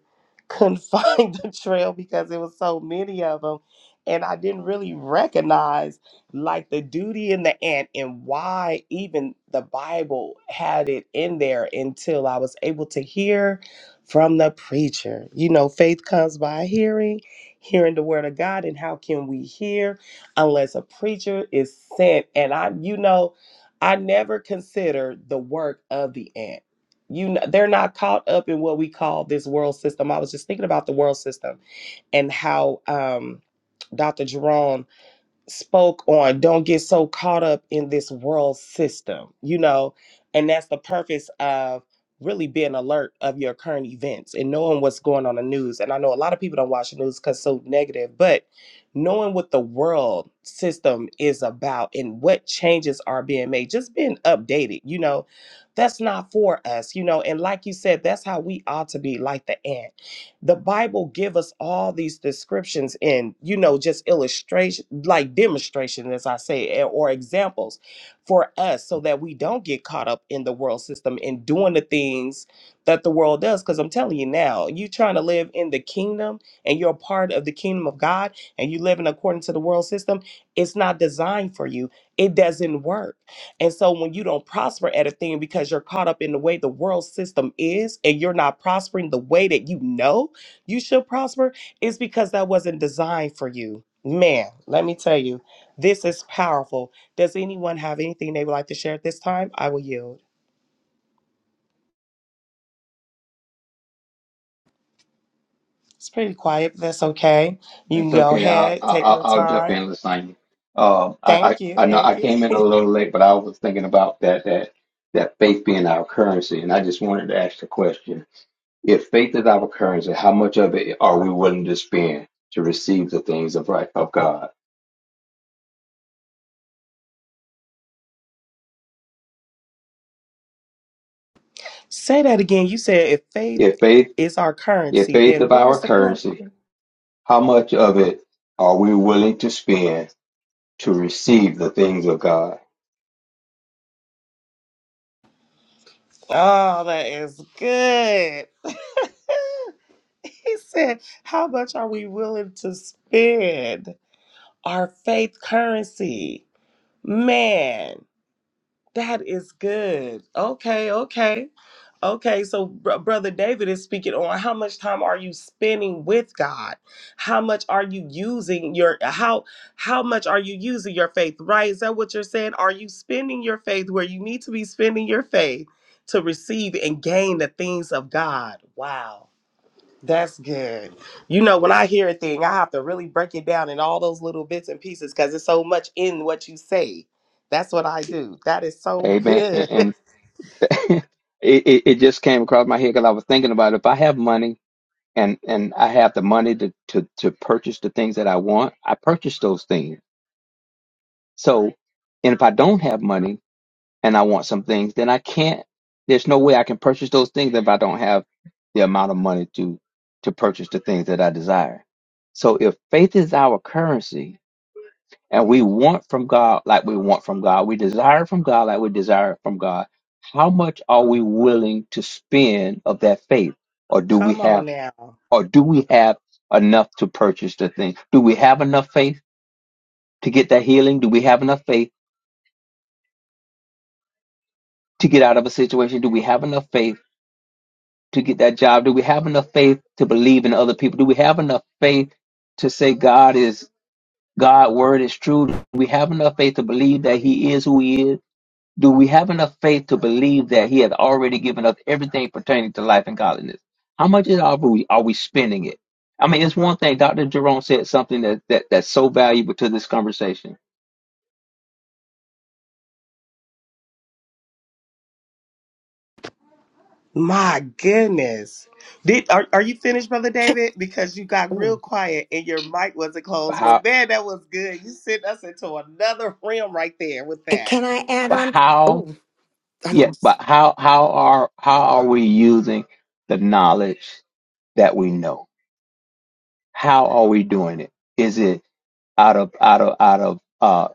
Speaker 2: couldn't find the trail because it was so many of them. And I didn't really recognize like the duty and the ant and why even the Bible had it in there until I was able to hear from the preacher. You know, faith comes by hearing, hearing the word of God. And how can we hear unless a preacher is sent? And I, you know, I never considered the work of the ant you know, they're not caught up in what we call this world system. I was just thinking about the world system and how um, Dr. Jerome spoke on don't get so caught up in this world system you know and that's the purpose of really being alert of your current events and knowing what's going on in the news and i know a lot of people don't watch the news because it's so negative but knowing what the world system is about and what changes are being made just being updated you know that's not for us you know and like you said that's how we ought to be like the ant the bible give us all these descriptions and you know just illustration like demonstration as i say eh, or examples for us so that we don't get caught up in the world system and doing the things that the world does because i'm telling you now you trying to live in the kingdom and you're a part of the kingdom of god and you living according to the world system it's not designed for you it doesn't work and so when you don't prosper at a thing because you're caught up in the way the world system is and you're not prospering the way that you know you shall prosper is because that wasn't designed for you. Man, let me tell you, this is powerful. Does anyone have anything they would like to share at this time? I will yield. It's pretty quiet, but that's okay. You
Speaker 6: That's
Speaker 2: can go
Speaker 6: okay. I'll
Speaker 2: ahead, take
Speaker 6: I'll,
Speaker 2: your
Speaker 6: I'll jump
Speaker 2: time.
Speaker 6: in, Lasagna. Um, I,
Speaker 2: Thank
Speaker 6: I
Speaker 2: you,
Speaker 6: I know I
Speaker 2: thank you.
Speaker 6: came in a little late, but I was thinking about that that that faith being our currency, and I just wanted to ask the question: If faith is our currency, how much of it are we willing to spend to receive the things of right of God?
Speaker 2: Say that again. You said if faith
Speaker 6: If faith
Speaker 2: is our
Speaker 6: if
Speaker 2: currency,
Speaker 6: faith
Speaker 2: then
Speaker 6: is
Speaker 2: what
Speaker 6: our
Speaker 2: was the
Speaker 6: currency,
Speaker 2: question?
Speaker 6: how much of it are we willing to spend to receive the things of God?
Speaker 2: Oh, that is good. he said, How much are we willing to spend? Our faith currency. Man, that is good. Okay, okay. Okay, so br- brother David is speaking on how much time are you spending with God? How much are you using your how how much are you using your faith? Right? Is that what you're saying? Are you spending your faith where you need to be spending your faith to receive and gain the things of God? Wow. That's good. You know, when I hear a thing, I have to really break it down in all those little bits and pieces because it's so much in what you say. That's what I do. That is so
Speaker 6: Amen. And,
Speaker 2: good.
Speaker 6: and it, it it just came across my head because I was thinking about if I have money. and and I have the money to to to purchase the things that I want, I purchase those things. So, and if I don't have money and I want some things, then I can't. There's no way I can purchase those things if I don't have the amount of money to to purchase the things that I desire. So, if faith is our currency and we want from God like we want from God, we desire from God like we desire from God, how much are we willing to spend of that faith? Or do we
Speaker 2: Come
Speaker 6: have?
Speaker 2: on now.
Speaker 6: or do we have enough to purchase the thing? Do we have enough faith to get in? Do we have enough faith to get out of a situation? Do we have enough faith to get that job? Do we have enough faith to believe in other people? Do we have enough faith to say God is God word is true? Do we have enough faith to believe that He is who He is? Do we have enough faith to believe that He has already given us everything pertaining to life and godliness? How much is are we are we spending it? I mean, it's one thing. Doctor said something that, that that's so valuable to this conversation.
Speaker 2: My goodness. Did are, are you finished, Brother David? Because you got real quiet and your mic wasn't
Speaker 6: But
Speaker 2: closed.
Speaker 6: How,
Speaker 2: But man, that was good. You sent us into another realm right there with
Speaker 3: And
Speaker 2: that.
Speaker 3: can I add
Speaker 6: but
Speaker 3: on?
Speaker 6: how
Speaker 3: Oh, I'm
Speaker 6: Yeah,
Speaker 3: going. to.
Speaker 6: but how how are how are we using the knowledge that we know? How are we doing it? Is it out of out of out of uh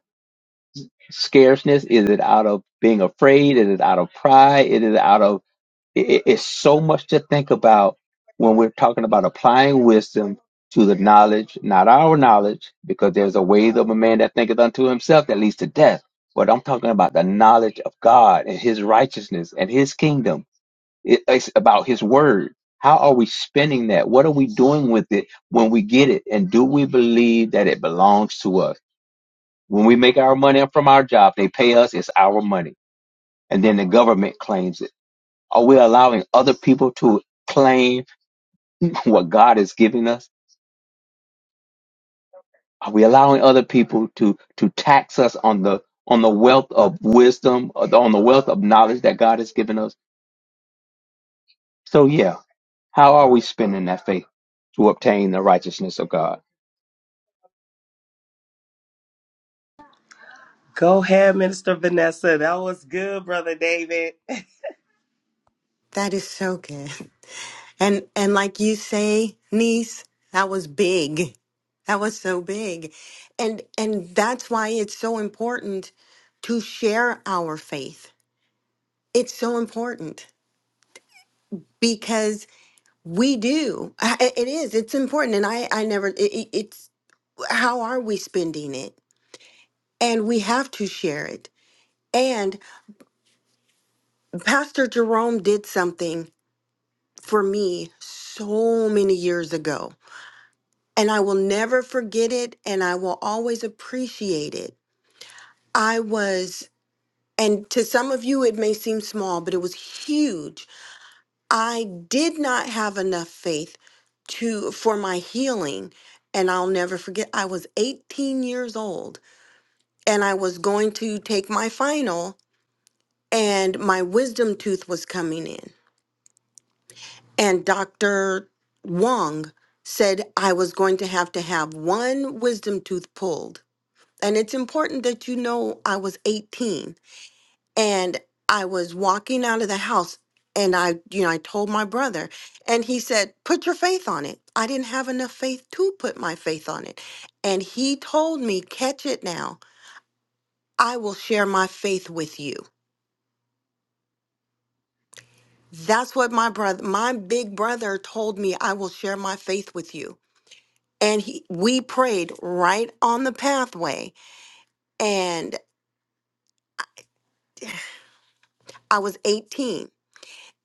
Speaker 6: scarceness? Is it out of being afraid? Is it out of pride? Is it out of it, it- it's so much to think about when we're talking about applying wisdom to the knowledge, not our knowledge, because there's a ways of a man that thinketh unto himself that leads to death. But I'm talking about the knowledge of God and his righteousness and his kingdom It- It's about His Word. How are we spending that? What are we doing with it when we get it? And do we believe that it belongs to us? When we make our money from our job, they pay us, it's our money. And then the government claims it. Are we allowing other people to claim what God is giving us? Are we allowing other people to, to tax us on the, on the wealth of wisdom, uh, on the wealth of knowledge that God has given us? So yeah, how are we spending that faith to obtain the righteousness of God?
Speaker 2: Go ahead, Minister Vanessa. That was good, Brother David.
Speaker 3: That is so good. And and like you say, niece, that was big. That was so big. And and that's why it's so important to share our faith. It's so important because we do I- I- it is it's important and i i never it, it- it's how are we spending it? And we have to share it. And Pastor Jerome did something for me so many years ago, and I will never forget it, and I will always appreciate it. I was, and to some of you, it may seem small, but it was huge. I did not have enough faith to for my healing and I'll never forget I was 18 years old and I was going to take my final and my wisdom tooth was coming in. And Dr. Wong said I was going to have to have one wisdom tooth pulled. And it's important that you know I was 18 and I was walking out of the house and I, you know, I told my brother and he said, "Put your faith on it." I didn't have enough faith to put my faith on it. And he told me, "Catch it now. I will share my faith with you." That's what my brother, my big brother told me, I will share my faith with you. And he, we prayed right on the pathway, and I was 18.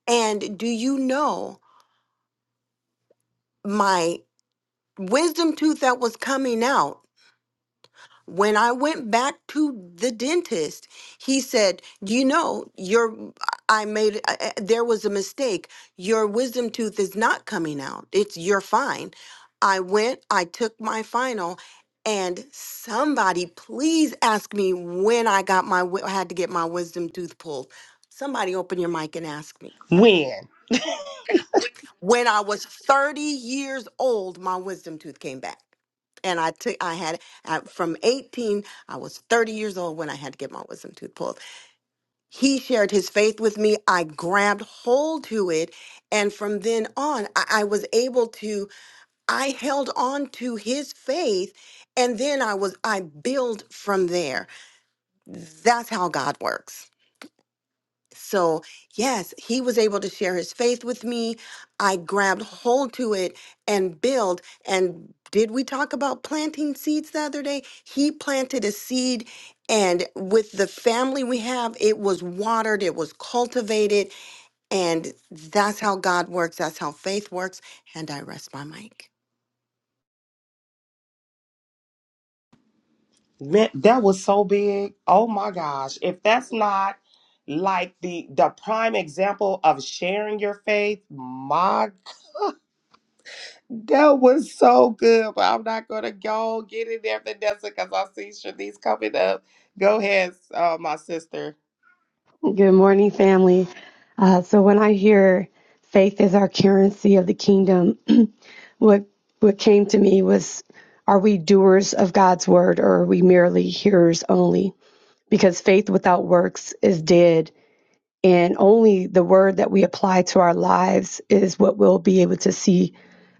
Speaker 3: And do you know my wisdom tooth that was coming out? When I went back to the dentist, he said, "You know, your I made I- I- there was a mistake. Your wisdom tooth is not coming out. It's you're fine." I went, I took my final, and somebody please ask me when I got my wi- I had to get my wisdom tooth pulled. Somebody open your mic and ask me.
Speaker 2: Win.
Speaker 3: When I was 30 years old, my wisdom tooth came back. And I took, I had, uh, from 18, I was 30 years old when I had to get my wisdom tooth pulled. He shared his faith with me. I grabbed hold to it. And from then on, I, I was able to, I held on to his faith. And then I was, I build from there. That's how God works. So, yes, he was able to share his faith with me. I grabbed hold to it and build. And did we talk about planting seeds the other day? He planted a seed, and with the family we have, it was watered, it was cultivated. And that's how God works, that's how faith works. And I rest my mic.
Speaker 2: That, that was so big. Oh my gosh. If that's not like the the prime example of sharing your faith, my that was so good. But I'm not gonna go get in there, Vanessa, because I see Shanice coming up. Go ahead, uh, my sister.
Speaker 7: Good morning, family. Uh, so when I hear faith is our currency of the kingdom, what what came to me was, are we doers of God's word or are we merely hearers only? Because faith without works is dead. And only the word that we apply to our lives is what we'll be able to see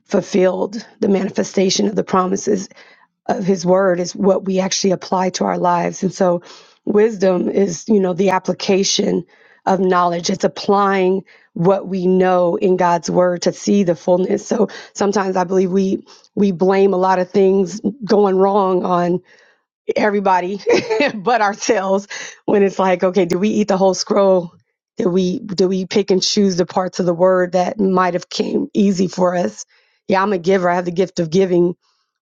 Speaker 7: fulfilled. The manifestation of the promises of his word is what we actually apply to our lives. And so wisdom is, you know, the application of knowledge. It's applying what we know in God's word to see the fullness. So sometimes I believe we we blame a lot of things going wrong on everybody but ourselves when it's like, okay, did we eat the whole scroll? Did we did we pick and choose the parts of the word that might have came easy for us? Yeah, I'm a giver. I have the gift of giving,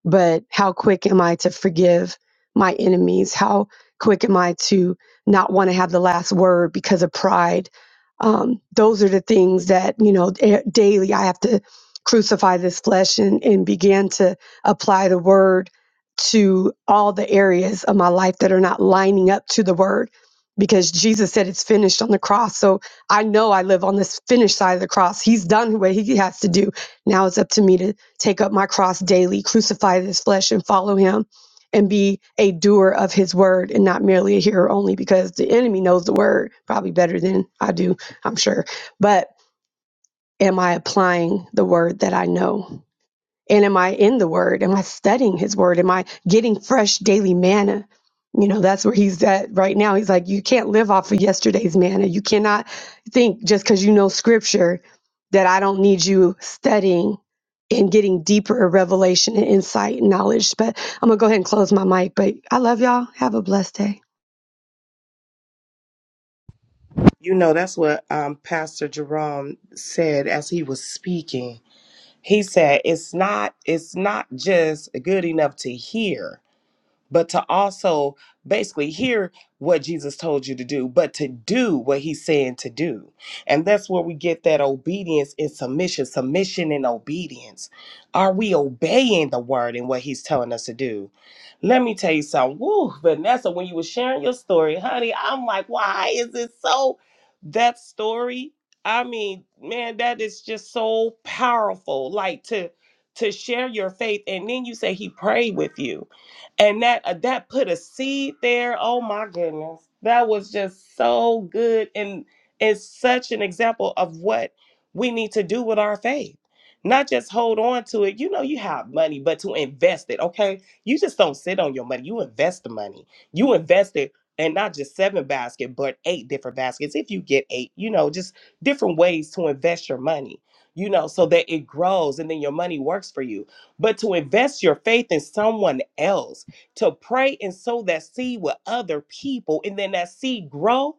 Speaker 7: but how quick am I to forgive my enemies? How quick am I to not want to have the last word because of pride? Um, those are the things that you know da- daily I have to crucify this flesh and, and begin to apply the word to all the areas of my life that are not lining up to the word because Jesus said it's finished on the cross. So I know I live on this finished side of the cross. He's done what he has to do. Now it's up to me to take up my cross daily, crucify this flesh and follow him and be a doer of his word and not merely a hearer only because the enemy knows the word probably better than I do, I'm sure. But am I applying the word that I know? And am I in the word? Am I studying his word? Am I getting fresh daily manna? You know, that's where he's at right now. He's like, you can't live off of yesterday's manna. You cannot think just because you know scripture that I don't need you studying and getting deeper revelation and insight and knowledge. But I'm going to go ahead and close my mic. But I love y'all. Have a blessed day.
Speaker 2: You know, that's what um, Pastor Jerome said as he was speaking. He said, "It's not. It's not just good enough to hear. but to also basically hear what Jesus told you to do, but to do what he's saying to do. And that's where we get that obedience and submission, submission and obedience. Are we obeying the word and what he's telling us to do? Let me tell you something. Woo, Vanessa, when you were sharing your story, honey, I'm like, why is it so? That story, I mean, man, that is just so powerful. Like to to share your faith, and then you say he prayed with you and that uh, that put a seed there. Oh my goodness, that was just so good, and it's such an example of what we need to do with our faith. Not just hold on to it. You know, you have money, but to invest it. Okay, you just don't sit on your money. You invest the money. You invest it, and not just seven baskets, but eight different baskets. If you get eight, you know, just different ways to invest your money. You know, so that it grows, and then your money works for you. But to invest your faith in someone else to pray and sow that seed with other people and then that seed grow.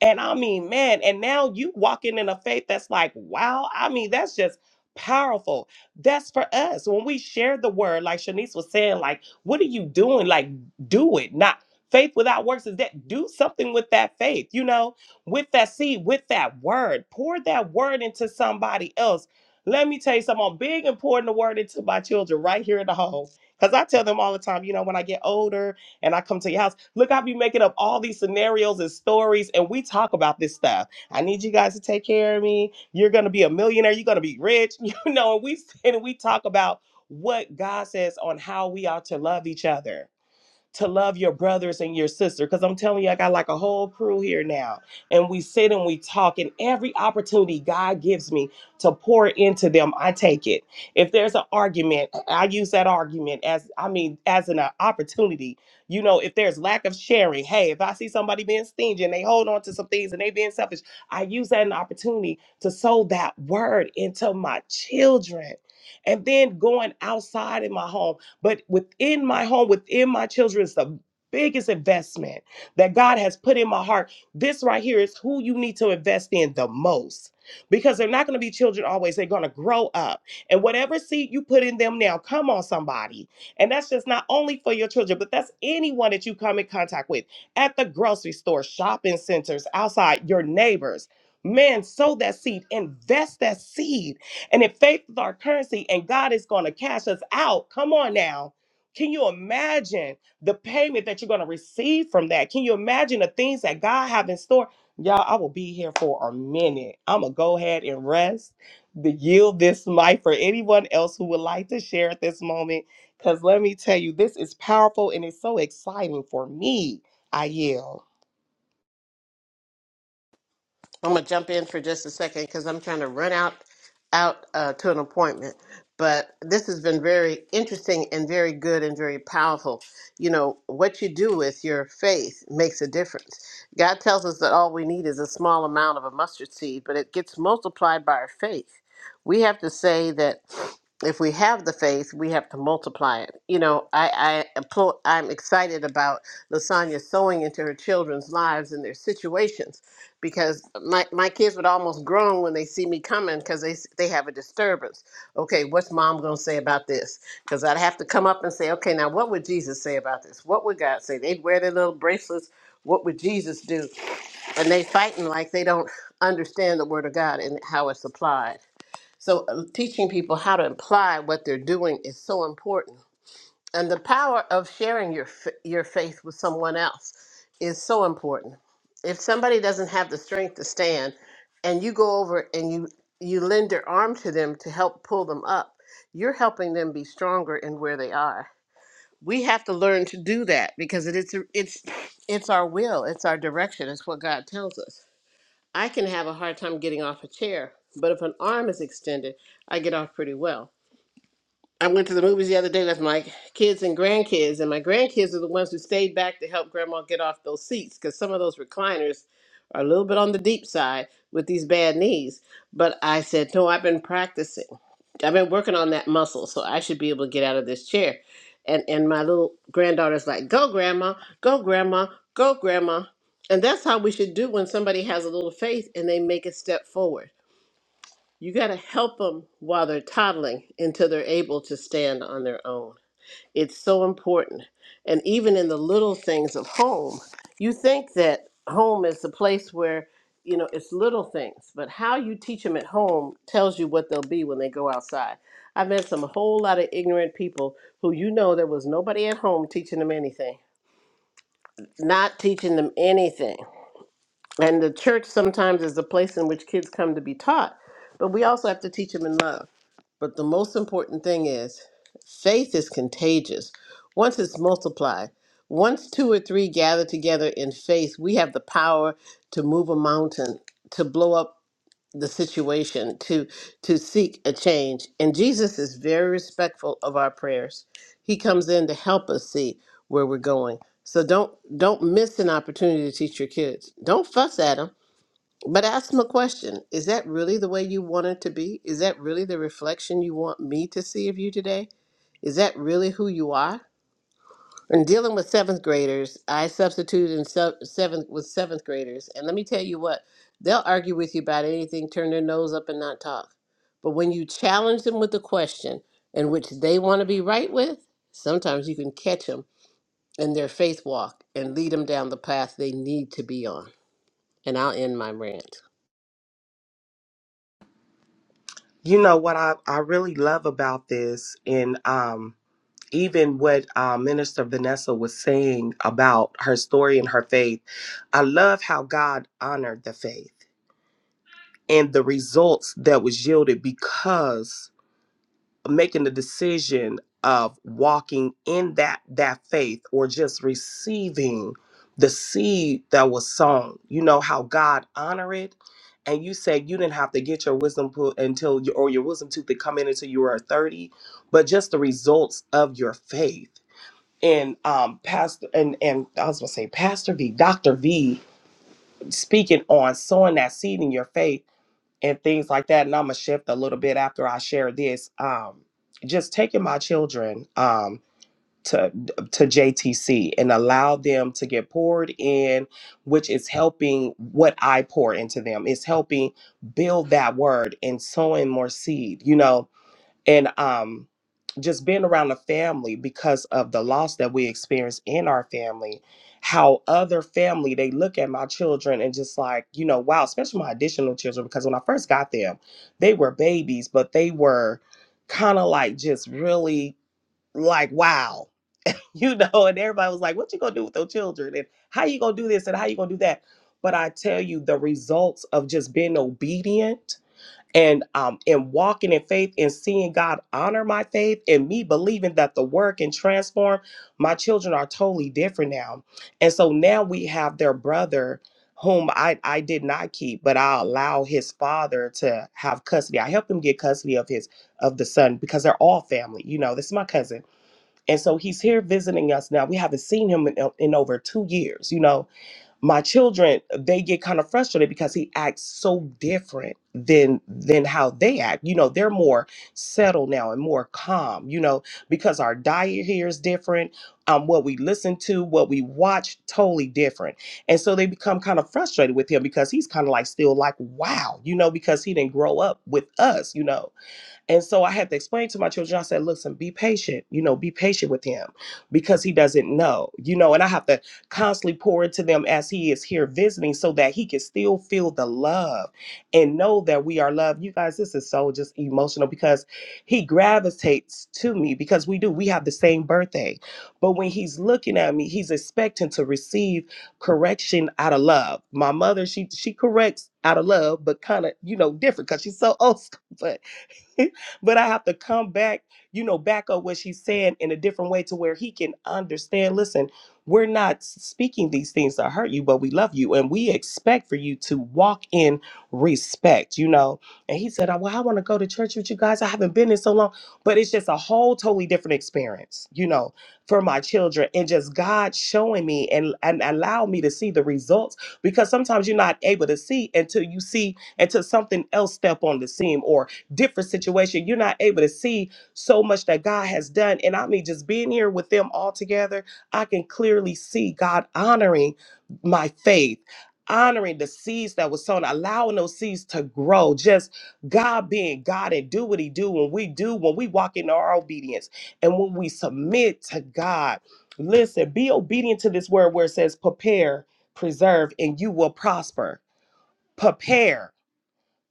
Speaker 2: And I mean, man, and now you walking in a faith that's like, wow, I mean, that's just powerful. That's for us. When we share the word, like Shanice was saying, like, what are you doing? Like, do it. Not faith without works is that do something with that faith, you know, with that seed, with that word. Pour that word into somebody else. Let me tell you something, I'm big and pouring the word into my children right here in the home because I tell them all the time, you know, when I get older and I come to your house, look, I be making up all these scenarios and stories, and we talk about this stuff. I need you guys to take care of me. You're gonna be a millionaire. You're gonna be rich. You know, and we and we talk about what God says on how we ought to love each other to love your brothers and your sister. Because I'm telling you, I got like a whole crew here now. And we sit and we talk, and every opportunity God gives me to pour into them, I take it. If there's an argument, I use that argument as, I mean, as an uh, opportunity. You know, if there's lack of sharing, hey, if I see somebody being stingy and they hold on to some things and they being selfish, I use that an opportunity to sow that word into my children. And then going outside in my home but within my home, within my children, is the biggest investment that God has put in my heart. This right here is who you need to invest in the most because they're not going to be children always. They're going to grow up. And whatever seed you put in them now, come on, somebody. And that's just not only for your children, but that's anyone that you come in contact with at the grocery store, shopping centers, outside, your neighbors. Man, sow that seed, invest that seed and if faith is our currency and God is going to cash us out, come on now. Can you imagine the payment that you're going to receive from that? Can you imagine the things that God have in store? Y'all, I will be here for a minute. I'm going to go ahead and rest, the yield this mic for anyone else who would like to share at this moment. Because let me tell you, this is powerful and it's so exciting for me. I yield.
Speaker 1: I'm gonna jump in for just a second because I'm trying to run out out uh, to an appointment. But this has been very interesting and very good and very powerful. You know what you do with your faith makes a difference. God tells us that all we need is a small amount of a mustard seed, but it gets multiplied by our faith. We have to say that if we have the faith, we have to multiply it. You know, I, I applaud- I'm excited about Lasagna sowing into her children's lives and their situations because my, my kids would almost groan when they see me coming because they, s- they have a disturbance. Okay, what's mom going to say about this? Because I'd have to come up and say, okay, now what would Jesus say about this? What would God say? They'd wear their little bracelets. What would Jesus do? And they fighting like they don't understand the word of God and how it's applied. So uh, teaching people how to apply what they're doing is so important and the power of sharing your f- your faith with someone else is so important. If somebody doesn't have the strength to stand, and you go over and you you lend your arm to them to help pull them up, you're helping them be stronger in where they are. We have to learn to do that because it is it's it's our will, it's our direction, it's what God tells us. I can have a hard time getting off a chair, but if an arm is extended, I get off pretty well I went to the movies the other day with my kids and grandkids, and my grandkids are the ones who stayed back to help grandma get off those seats because some of those recliners are a little bit on the deep side with these bad knees. But I said, No, I've been practicing. I've been working on that muscle, so I should be able to get out of this chair. And and my little granddaughter's like, Go, grandma, go, grandma, go, grandma. And that's how we should do when somebody has a little faith and they make a step forward you got to help them while they're toddling until they're able to stand on their own. It's so important. And even in the little things of home, you think that home is the place where, you know, it's little things, but how you teach them at home tells you what they'll be when they go outside. I've met some whole lot of ignorant people who you know there was nobody at home teaching them anything, not teaching them anything. And the church sometimes is the place in which kids come to be taught, but we also have to teach them in love but the most important thing is faith is contagious. Once it's multiplied, once two or three gather together in faith, we have the power to move a mountain, to blow up the situation, to to seek a change. And Jesus is very respectful of our prayers. He comes in to help us see where we're going. So don't don't miss an opportunity to teach your kids. Don't fuss at them but ask them a question. Is that really the way you want it to be? Is that really the reflection you want me to see of you today? Is that really who you are? In dealing with seventh graders, I substituted in sub- seventh with seventh graders, and let me tell you what, they'll argue with you about anything, turn their nose up and not talk. But when you challenge them with a question in which they want to be right with, sometimes you can catch them in their faith walk and lead them down the path they need to be on. And I'll end my rant.
Speaker 2: You know what I, I really love about this, and um, even what uh, Minister Vanessa was saying about her story and her faith, I love how God honored the faith and the results that was yielded because making the decision of walking in that that faith or just receiving the seed that was sown. You know how God honored it. And you said you didn't have to get your wisdom put until you, or your wisdom tooth to come in until you were 30, but just the results of your faith and um pastor and and i was gonna say pastor v dr v speaking on sowing that seed in your faith and things like that and i'm gonna shift a little bit after i share this um just taking my children um to to jtc and allow them to get poured in which is helping what i pour into them It's helping build that word and sowing more seed you know and um just being around the family because of the loss that we experience in our family how other family they look at my children and just like you know wow especially my additional children because when i first got them they were babies but they were kind of like just really like wow you know and everybody was like what you gonna do with those children and how you gonna do this and how you gonna do that but i tell you the results of just being obedient and um and walking in faith and seeing God honor my faith and me believing that the work and transform my children are totally different now. And so now we have their brother whom I I did not keep, but I allow his father to have custody. I helped him get custody of his of the son because they're all family. You know, this is my cousin. And so he's here visiting us now. We haven't seen him in, in over 2 years, you know my children they get kind of frustrated because he acts so different than than how they act you know they're more settled now and more calm you know because our diet here is different um what we listen to what we watch totally different and so they become kind of frustrated with him because he's kind of like still like wow you know because he didn't grow up with us you know and so I had to explain to my children, I said, listen, be patient, you know, be patient with him because he doesn't know, you know, and I have to constantly pour into them as he is here visiting so that he can still feel the love and know that we are loved. You guys, this is so just emotional because he gravitates to me because we do, we have the same birthday. But when he's looking at me, he's expecting to receive correction out of love. My mother, she she corrects out of love, but kind of, you know, different because she's so old school. But but I have to come back, you know, back up what she's saying in a different way to where he can understand. Listen, we're not speaking these things to hurt you, but we love you and we expect for you to walk in respect, you know. And he said, "Oh, Well, I want to go to church with you guys. I haven't been in so long, but it's just a whole totally different experience, you know, for my children and just God showing me and, and allow me to see the results because sometimes you're not able to see until you see until something else step on the scene or different situation. You're not able to see so much that God has done. And I mean, just being here with them all together, I can clearly see God honoring my faith. Honoring the seeds that was sown, allowing those seeds to grow, just God being God and do what He do when we do, when we walk in our obedience and when we submit to God. Listen, be obedient to this word where it says prepare, preserve, and you will prosper. Prepare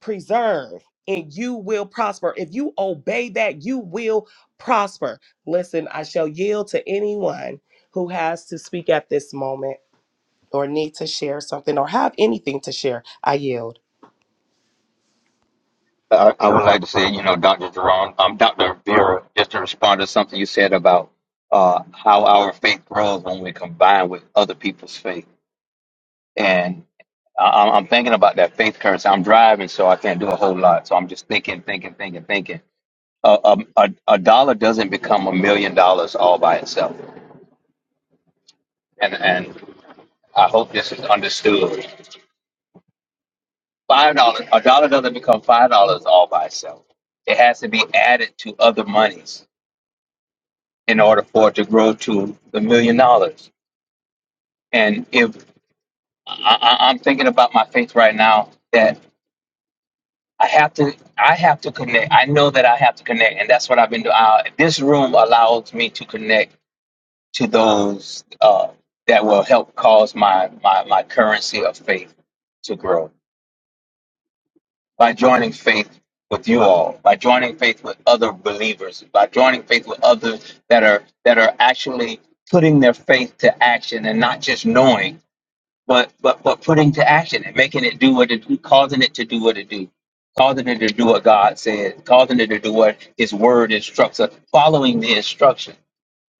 Speaker 2: preserve and you will prosper. If you obey that, you will prosper. Listen, I shall yield to anyone who has to speak at this moment or need to share something or have anything to share. I yield.
Speaker 6: I, I would like to say, you know, Dr. Jerome, um, Dr. Vera, just to respond to something you said about uh, how our faith grows when we combine with other people's faith. And I, I'm I'm thinking about that faith currency. I'm driving, so I can't do a whole lot. So I'm just thinking, thinking, thinking, thinking. Uh, um, a, a dollar doesn't become a million dollars all by itself. And, and I hope this is understood. Five dollars, a dollar doesn't become five dollars all by itself. It has to be added to other monies in order for it to grow to the million dollars. And if I, I- I'm thinking about my faith right now, that I have to, I have to connect. I know that I have to connect, and that's what I've been doing. Uh, this room allows me to connect to those uh, that will help cause my, my my currency of faith to grow by joining faith with you all, by joining faith with other believers, by joining faith with others that are that are actually putting their faith to action and not just knowing but but but putting to action and making it do what it do, causing it to do what it do, causing it to do what God said, causing it to do what His Word instructs us, following the instruction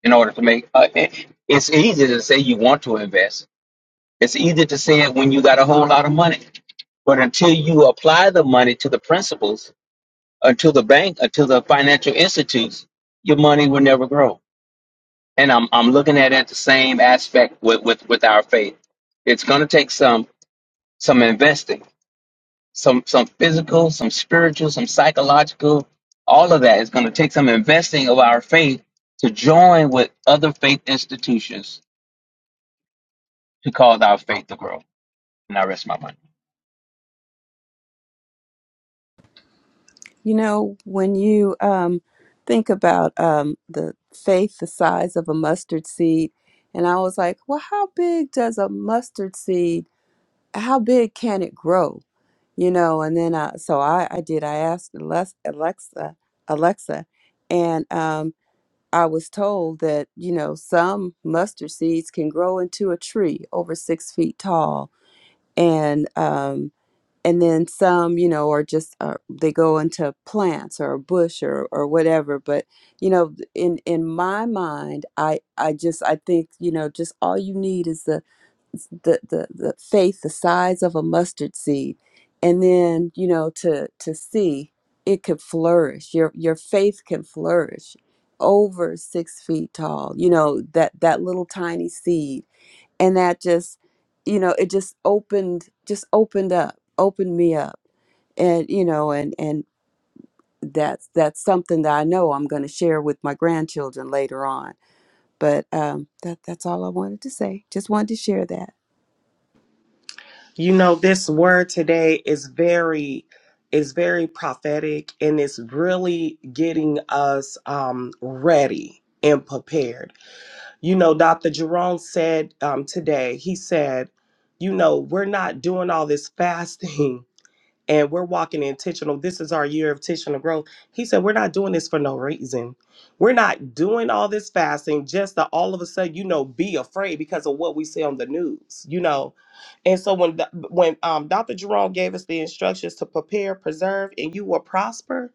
Speaker 6: in order to make. Uh, it- it's easy to say you want to invest. It's easy to say it when you got a whole lot of money, but until you apply the money to the principles, until the bank, until the financial institutes, your money will never grow. And I'm I'm looking at it the same aspect with with with our faith. It's going to take some some investing some some physical, some spiritual, some psychological, all of that is going to take some investing of our faith to join with other faith institutions to cause our faith to grow. And I rest my mind.
Speaker 5: You know, when you um, think about um, the faith the size of a mustard seed, and I was like, well, how big does a mustard seed, how big can it grow? You know, and then I, so I, I did, I asked Alex- Alexa, Alexa, and um, I was told that, you know, some mustard seeds can grow into a tree over six feet tall. And, um, and then some you know are just uh, they go into plants or a bush or or whatever but you know in in my mind i i just i think you know just all you need is the the the, the faith the size of a mustard seed and then you know to to see it could flourish your your faith can flourish over six feet tall you know that that little tiny seed and that just you know it just opened just opened up opened me up and you know and and that's that's something that i know i'm going to share with my grandchildren later on but um that that's all i wanted to say just wanted to share that
Speaker 2: You know, this word today is very is very prophetic and it's really getting us um ready and prepared. You know, Dr. Jerome said um today, he said, you know, we're not doing all this fasting and we're walking intentional. This is our year of intentional growth. He said, We're not doing this for no reason. We're not doing all this fasting just to all of a sudden, you know, be afraid because of what we see on the news, you know. And so when the- when um, Dr. Jerome gave us the instructions to prepare, preserve, and you will prosper,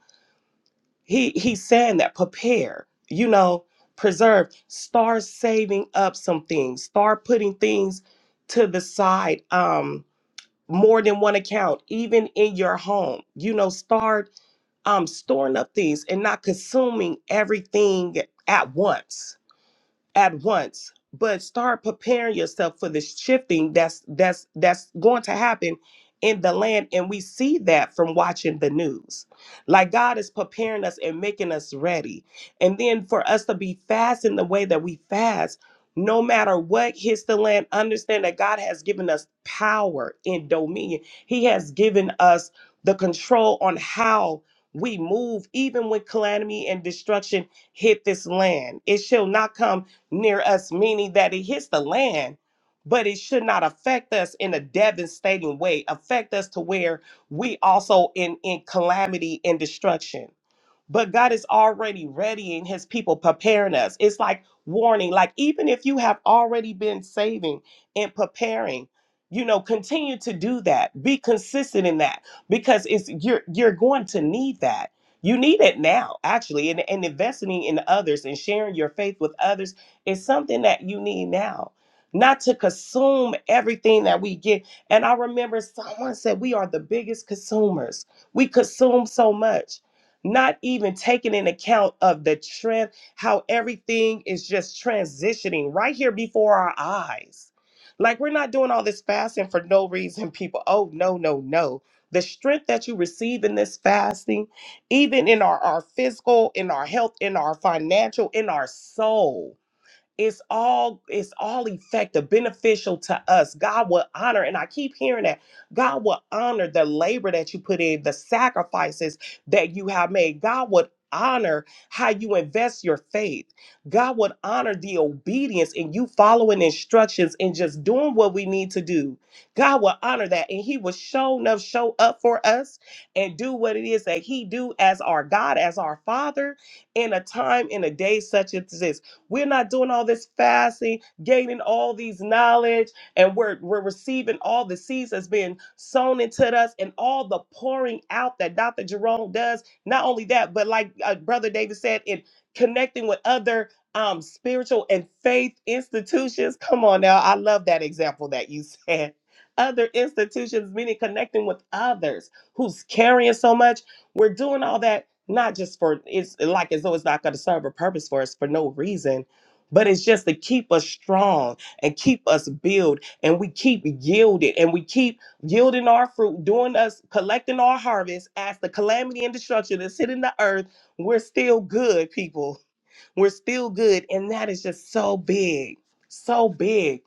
Speaker 2: he he's saying that prepare, you know, preserve, start saving up some things, start putting things to the side. Um, more than one account, even in your home. You know, start um, storing up things and not consuming everything at once at once but start preparing yourself for this shifting that's that's that's going to happen in the land and we see that from watching the news like god is preparing us and making us ready and then for us to be fast in the way that we fast no matter what hits the land understand that god has given us power and dominion he has given us the control on how we move even when calamity and destruction hit this land it shall not come near us, meaning that it hits the land, but it should not affect us in a devastating way, affect us to where we also in, in calamity and destruction but God is already readying his people, preparing us. It's like warning, like even if you have already been saving and preparing, you know, continue to do that. Be consistent in that because it's you're you're going to need that. You need it now, actually, and, and investing in others and sharing your faith with others is something that you need now. Not to consume everything that we get. And I remember someone said, We are the biggest consumers. We consume so much not even taking in account of the trend, how everything is just transitioning right here before our eyes. Like we're not doing all this fasting for no reason, people. Oh, no, no, no. The strength that you receive in this fasting, even in our, our physical, in our health, in our financial, in our soul it's all it's all effective beneficial to us god will honor and i keep hearing that god will honor the labor that you put in the sacrifices that you have made god would honor how you invest your faith god would honor the obedience in you following instructions and just doing what we need to do god will honor that and he will show enough show up for us and do what it is that he do as our god as our father in a time in a day such as this we're not doing all this fasting, gaining all these knowledge, and we're we're receiving all the seeds that's being sown into us and all the pouring out that Dr. Jerome does. Not only that, but like uh, Brother David said, in connecting with other um spiritual and faith institutions. Come on now, I love that example that you said. Other institutions, meaning connecting with others who's carrying so much. We're doing all that not just for it's eh, like as though it's not going to serve a purpose for us for no reason but it's just to keep us strong and keep us build and we keep yielded and we keep yielding our fruit doing us collecting our harvest as the calamity and destruction that's hitting the earth we're still good people we're still good and that is just so big so big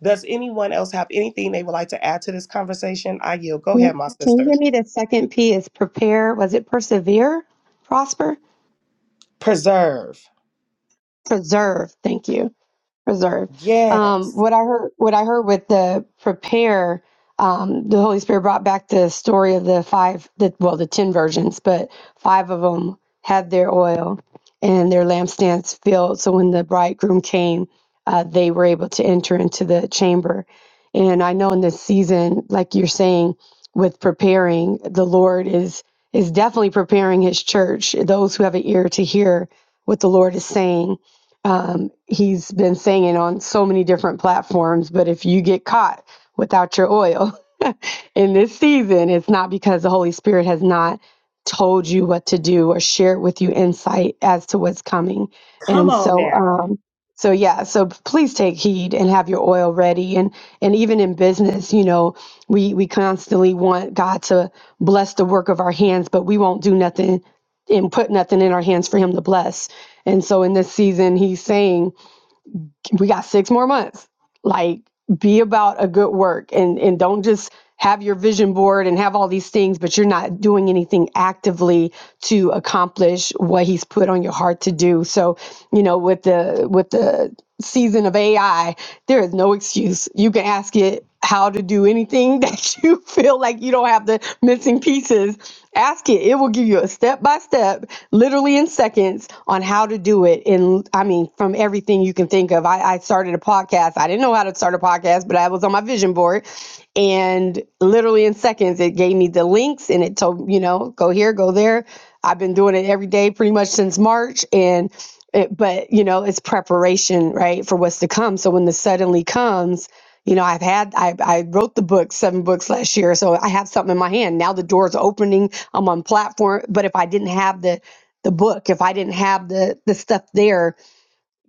Speaker 2: does anyone else have anything they would like to add to this conversation i yield go
Speaker 7: Yep.
Speaker 2: ahead my
Speaker 7: Can you
Speaker 2: sister
Speaker 7: give me the second P is prepare? Was it persevere, prosper,
Speaker 2: preserve
Speaker 7: preserve? Thank you. reserve. Um,
Speaker 2: yes
Speaker 7: what I heard, what I heard with the prepare, um, the Holy Spirit brought back the story of the five, the, well, the ten virgins, but five of them had their oil and their lampstands filled. So when the bridegroom came, uh, they were able to enter into the chamber. And I know in this season, like you're saying, with preparing, the Lord is is definitely preparing His church. Those who have an ear to hear what the Lord is saying um, he's been singing on so many different platforms, but if you get caught without your oil in this season, it's not because the Holy Spirit has not told you what to do or shared with you insight as to what's coming.
Speaker 2: Come
Speaker 7: And
Speaker 2: on
Speaker 7: so,
Speaker 2: now.
Speaker 7: um, so yeah, so please take heed and have your oil ready. And and even in business, you know, we we constantly want God to bless the work of our hands, but we won't do nothing and put nothing in our hands for him to bless. And so in this season, he's saying, we got six more months. Like, be about a good work and, and don't just have your vision board and have all these things, but you're not doing anything actively to accomplish what he's put on your heart to do. So, you know, with the with the season of AI, there is no excuse. You can ask it how to do anything that you feel like you don't have the missing pieces. Ask it. It will give you a step by step, literally in seconds, on how to do it. And I mean, from everything you can think of. I, I started a podcast. I didn't know how to start a podcast, but I was on my vision board. And literally in seconds, it gave me the links and it told, you know, go here, go there. I've been doing it every day pretty much since March. And, it, but, you know, it's preparation, right, for what's to come. So when the suddenly comes, you know, I've had, I, I wrote the book, seven books last year. So I have something in my hand. Now the door's opening. I'm on platform. But if I didn't have the, the book, if I didn't have the, the stuff there,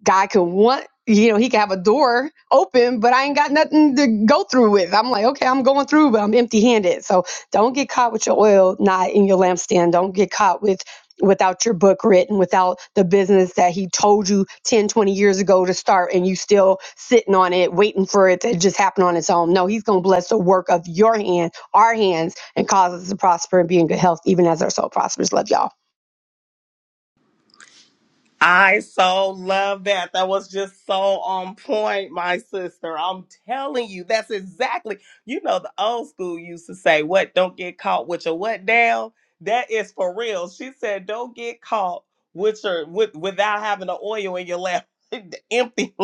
Speaker 7: God could want, you know, he could have a door open, but I ain't got nothing to go through with. I'm like, okay, I'm going through, but I'm empty handed. So don't get caught with your oil not in your lampstand. Don't get caught with without your book written, without the business that he told you 10, 20 years ago to start and you still sitting on it, waiting for it to just happen on its own. No, he's gonna bless the work of your hand, our hands, and cause us to prosper and be in good health, even as our soul prospers. Love y'all.
Speaker 2: I so love that. That was just so on point, my sister. I'm telling you, that's exactly, you know, the old school used to say, What? Don't get caught with your what down? That is for real. She said, Don't get caught with your with without having the oil in your lap. empty,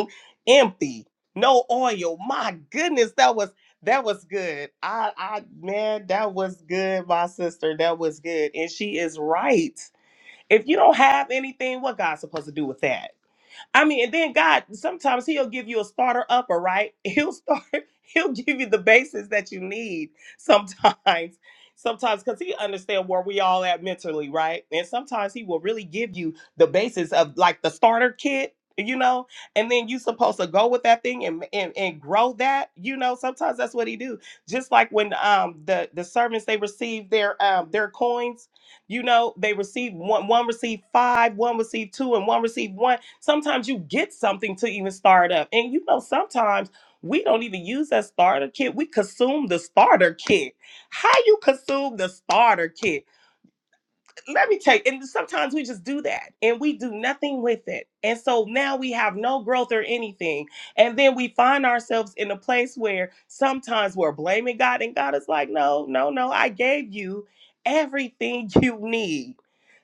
Speaker 2: empty, no oil. My goodness, that was that was good. I I man, that was good, my sister. That was good. And she is right If you don't have anything, what God's supposed to do with that? I mean, and then God sometimes He'll give you a starter upper, right? He'll start, He'll give you the basis that you need sometimes. Sometimes because he understands where we all at mentally, right? And sometimes he will really give you the basis of like the starter kit, you know, and then you supposed to go with that thing and, and and grow that, you know. Sometimes that's what he do. Just like when um the the servants they receive their um their coins you know, they receive one, one received five, one received two, and one received one. Sometimes you get something to even start up. And you know, sometimes we don't even use that starter kit. We consume the starter kit. How you consume the starter kit? Let me tell you, and sometimes we just do that and we do nothing with it. And so now we have no growth or anything. And then we find ourselves in a place where sometimes we're blaming God, and God is like, no, no, no, I gave you everything you need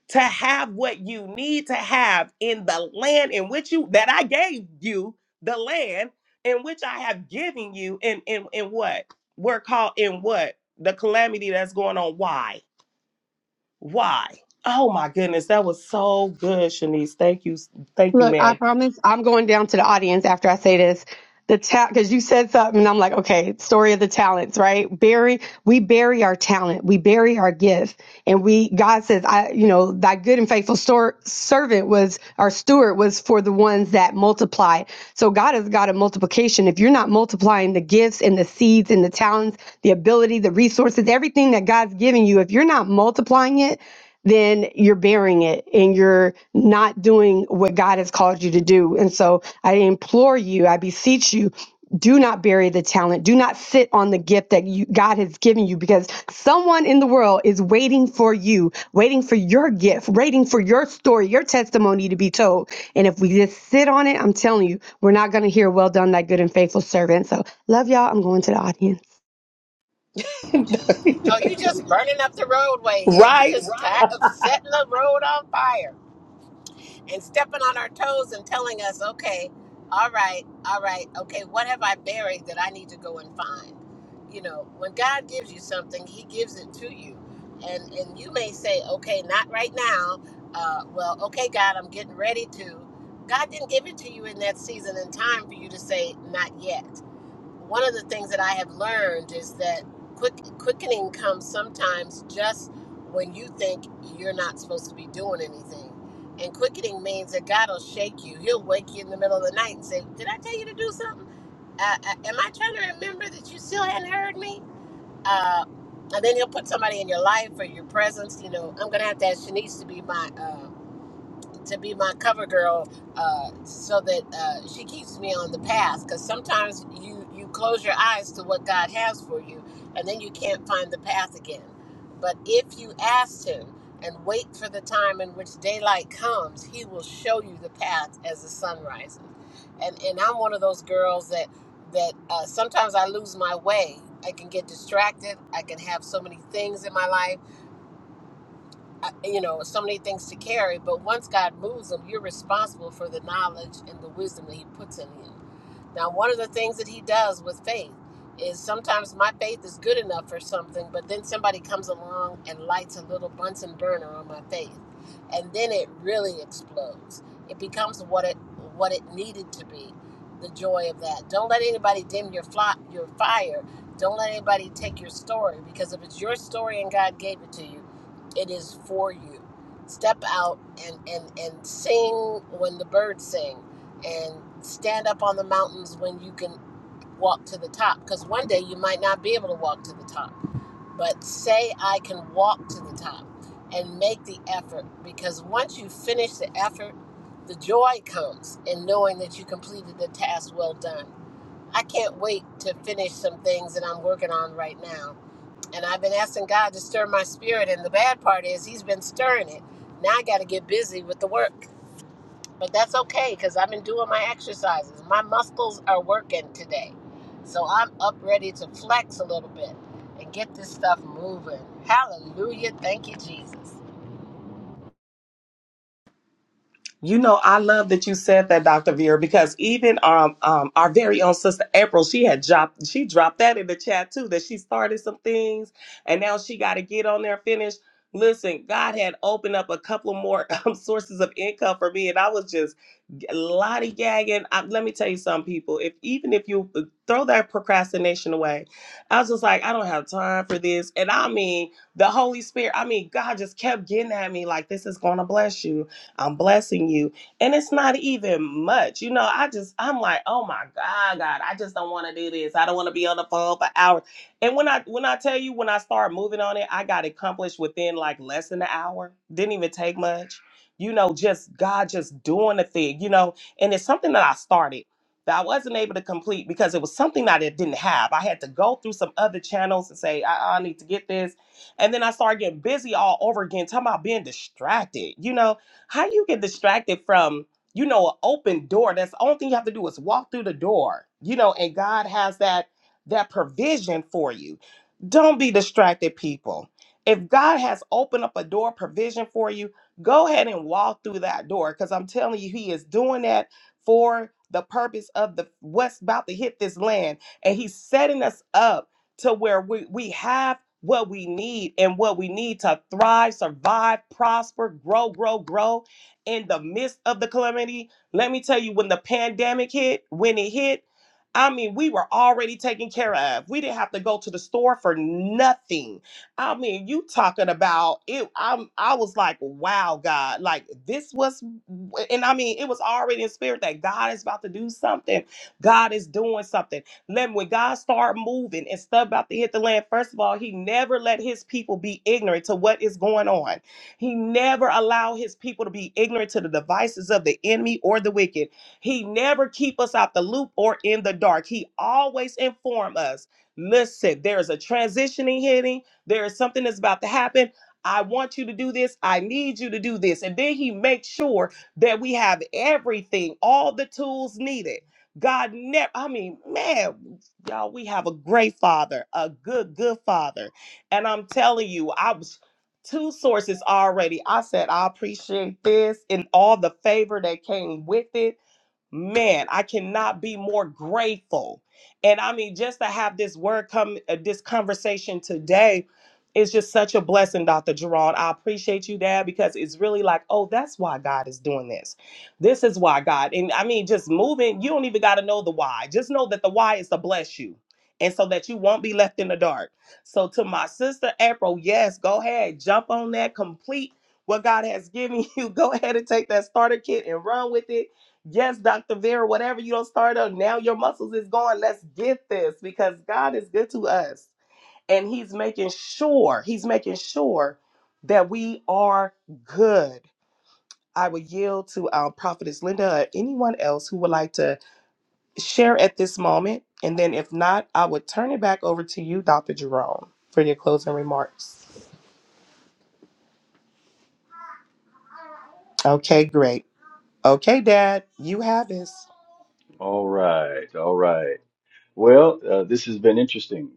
Speaker 2: to have what you need to have in the land in which you that I gave you, the land in which I have given you in in, in what? We're called in what? The calamity that's going on. Why? Why? Oh my goodness, that was so good, Shanice. Thank you. Thank you,
Speaker 7: Look, I
Speaker 2: ma'am.
Speaker 7: promise I'm going down to the audience after I say this. The talent, because you said something, and I'm like, okay, story of the talents, right? Bury, we bury our talent, we bury our gift, and we, God says, I, you know, thy good and faithful stor- servant was, our steward was for the ones that multiplied. So God has got a multiplication. If you're not multiplying the gifts and the seeds and the talents, the ability, the resources, everything that God's giving you, if you're not multiplying it, then you're bearing it and you're not doing what God has called you to do. And so I implore you, I beseech you, do not bury the talent. Do not sit on the gift that you, God has given you because someone in the world is waiting for you, waiting for your gift, waiting for your story, your testimony to be told. And if we just sit on it, I'm telling you, we're not going to hear, well done, that good and faithful servant. So love y'all. I'm going to the audience.
Speaker 1: Oh, you just burning up the roadway here. You
Speaker 2: right?
Speaker 1: just Right. tired of setting the road on fire and stepping on our toes and telling us, okay, all right, all right, okay, what have I buried that I need to go and find? You know, when God gives you something, He gives it to you, and and you may say, okay, not right now. Uh, well, okay, God, I'm getting ready to. God didn't give it to you in that season and time for you to say not yet one of the things that I have learned is that quick quickening comes sometimes just when you think you're not supposed to be doing anything. And quickening means that God will shake you. He'll wake you in the middle of the night and say, "Did I tell you to do something? Uh, uh, am I trying to remember that you hadn't heard me?" Uh, and then he'll put somebody in your life or your presence. You know, not that she needs to be my. Uh, to be my cover girl uh, so that uh, she keeps me on the path because sometimes you you close your eyes to what god has for you and then you can't find the path again but if you ask him and wait for the time in which daylight comes he will show you the path as the sun rises and and i'm one of those girls that that uh, sometimes i lose my way i can get distracted i can have so many things in my life I- you know so many things to carry but once god moves them you're responsible for the knowledge and the wisdom that he puts in you now one of the things that he does with faith is sometimes my faith is good enough for something but then somebody comes along and lights a little bunsen burner on my faith and then it really explodes it becomes what it what it needed to be the joy of that don't let anybody dim your fly, your fire don't let anybody take your story because if it's your story and god gave it to you it is for you. Step out and, and, and sing when the birds sing, and stand up on the mountains when you can walk to the top. Because one day you might not be able to walk to the top, but say, I can walk to the top and make the effort. Because once you finish the effort, the joy comes in knowing that you completed the task well done. I can't wait to finish some things that I'm working on right now and I've been asking God to stir my spirit. And the bad part is, He's been stirring it. Now I got to get busy with the work. But that's okay because I've been doing my exercises. My muscles are working today. So I'm up ready to flex a little bit and get this stuff moving. Hallelujah. Thank you, Jesus.
Speaker 2: You know, I love that you said that, Dr. Vera, because even um, um, our very own sister April, she had dropped she dropped that in the chat too, that she started some things and now she gotta get on there and finish. Listen, God had opened up a couple more um, sources of income for me, and I was just lollygagging. I, let me tell you some people, if even if you uh, throw that procrastination away, I was just like, I don't have time for this. And I mean, the Holy Spirit, I mean, God just kept getting at me like, this is going to bless you. I'm blessing you. And it's not even much. You know, I just, I'm like, oh my God, God, I just don't want to do this. I don't want to be on the phone for hours. And when I when I tell you when I started moving on it, I got accomplished within like less than an hour. Didn't even take much. You know, just God just doing the thing, you know, and it's something that I started that I wasn't able to complete because it was something that I didn't have. I had to go through some other channels and say, I, I need to get this. And then I started getting busy all over again, talking about being distracted, you know. How you get distracted from, you know, an open door? That's the only thing you have to do is walk through the door, you know, and God has that that provision for you. Don't be distracted, people. If God has opened up a door provision for you, go ahead and walk through that door because I'm telling you, He is doing that for the purpose of the what's about to hit this land. And He's setting us up to where we, we have what we need and what we need to thrive, survive, prosper, grow, grow, grow in the midst of the calamity. Let me tell you, when the pandemic hit, when it hit, I mean, we were already taken care of. We didn't have to go to the store for nothing. I mean, you talking about it? I'm. I was like, wow, God, like this was, and I mean, it was already in spirit that God is about to do something. God is doing something. Let when God start moving and stuff about to hit the land, first of all, He never let His people be ignorant to what is going on. He never allow His people to be ignorant to the devices of the enemy or the wicked. He never keep us out the loop or in the dark. He always inform us. Listen, there is a transitioning hitting. There is something that's about to happen. I want you to do this. I need you to do this. And then he makes sure that we have everything, all the tools needed God never, I mean, man, y'all, we have a great father, a good, good father. And I'm telling you, I was two sources already. I said, I appreciate this and all the favor that came with it man, I cannot be more grateful. And I mean, just to have this word come, uh, this conversation today is just such a blessing, Dr. Jerron. I appreciate you, Dad, because it's really like, oh, that's why God is doing this. This is why God. And I mean, just moving, you don't even got to know the why. Just know that the why is to bless you. And so that you won't be left in the dark. So, to my sister April, yes, go ahead, jump on that, complete what God has given you. Go ahead and take that starter kit and run with it Yes, Dr. Vera, whatever you don't start up, now your muscles is gone. Let's get this because God is good to us. And He's making sure, He's making sure that we are good. I would yield to our prophetess Linda or anyone else who would like to share at this moment. And then if not, I would turn it back over to you, Dr. Jerome, for your closing remarks. Okay, great. Okay, Dad, you have this.
Speaker 4: All right, all right. Well, uh, this has been interesting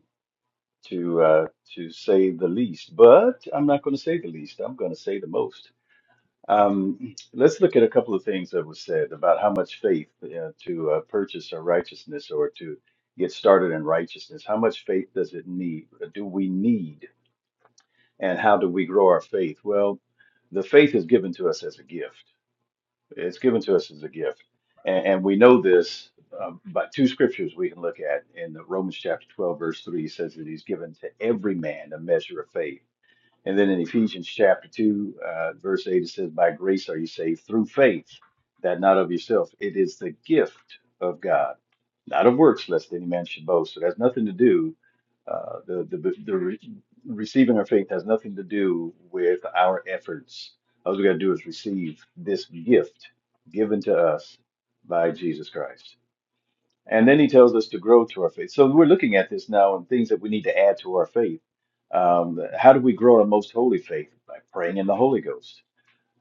Speaker 4: to uh, to say the least, but I'm not going to say the least. I'm going to say the most. Um, let's look at a couple of things that was said about how much faith uh, to uh, purchase our righteousness or to get started in righteousness. How much faith does it need? Do we need? And how do we grow our faith? Well, the faith is given to us as a gift. It's given to us as a gift, and, and we know this um, by two scriptures we can look at. In the Romans chapter twelve, verse three, it says that He's given to every man a measure of faith and then in Ephesians chapter 2, uh, verse 8, it says, By grace are you saved through faith, that not of yourself. It is the gift of God, not of works, lest any man should boast. So it has nothing to do, uh, the, the, the re- receiving our faith has nothing to do with our efforts. All we got to do is receive this gift given to us by Jesus Christ. And then he tells us to grow through our faith. So we're looking at this now and things that we need to add to our faith. Um, how do we grow our most holy faith? By praying in the Holy Ghost,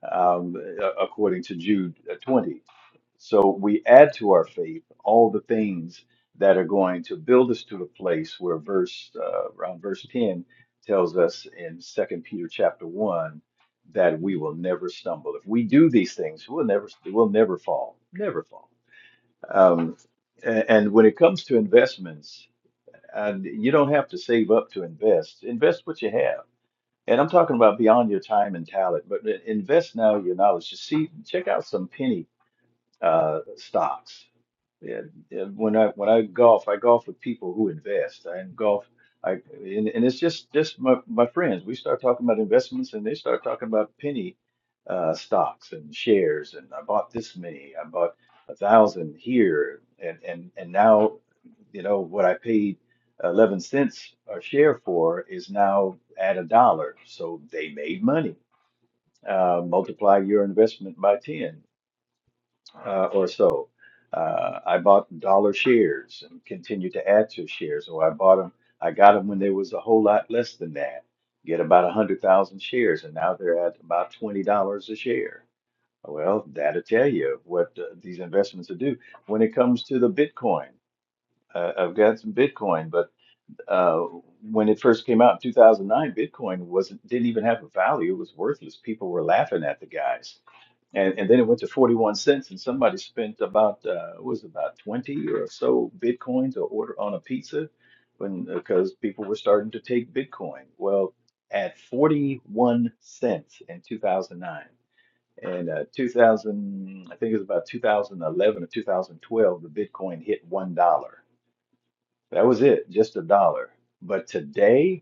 Speaker 4: um, a- according to Jude uh, 20. So we add to our faith all the things that are going to build us to the place where verse uh, around verse 10 tells us in Second Peter chapter 1 that we will never stumble. If we do these things, we'll never we'll never fall. Never fall. Um, a- and when it comes to investments, and you don't have to save up to invest. Invest what you have. And I'm talking about beyond your time and talent, but i- invest now your knowledge. You see, check out some penny uh, stocks. Yeah, yeah, when I when I golf, I golf with people who invest. I golf, I and, and it's just just my my friends. We start talking about investments, and they start talking about penny uh, stocks and shares. And I bought this many. I bought a thousand here, and and and now, you know, what I paid eleven cents a share for is now at a dollar. So they made money. Uh, multiply your investment by ten uh, or so. Uh, I bought dollar shares and continued to add to shares. So I bought them, I got them when there was a whole lot less than that. Get about a hundred thousand shares, and now they're at about twenty dollars a share. Well, that'll tell you what uh, these investments will do. When it comes to the Bitcoin, uh, I've got some Bitcoin, but uh, when it first came out in 2009, Bitcoin wasn't didn't even have a value; it was worthless. People were laughing at the guys and and then it went to 41 cents and somebody spent about uh what was it, about 20 or so bitcoin to order on a pizza when because people were starting to take bitcoin well at 41 cents in 2009 and uh 2000 i think it was about 2011 or 2012 the bitcoin hit one dollar that was it just a dollar but today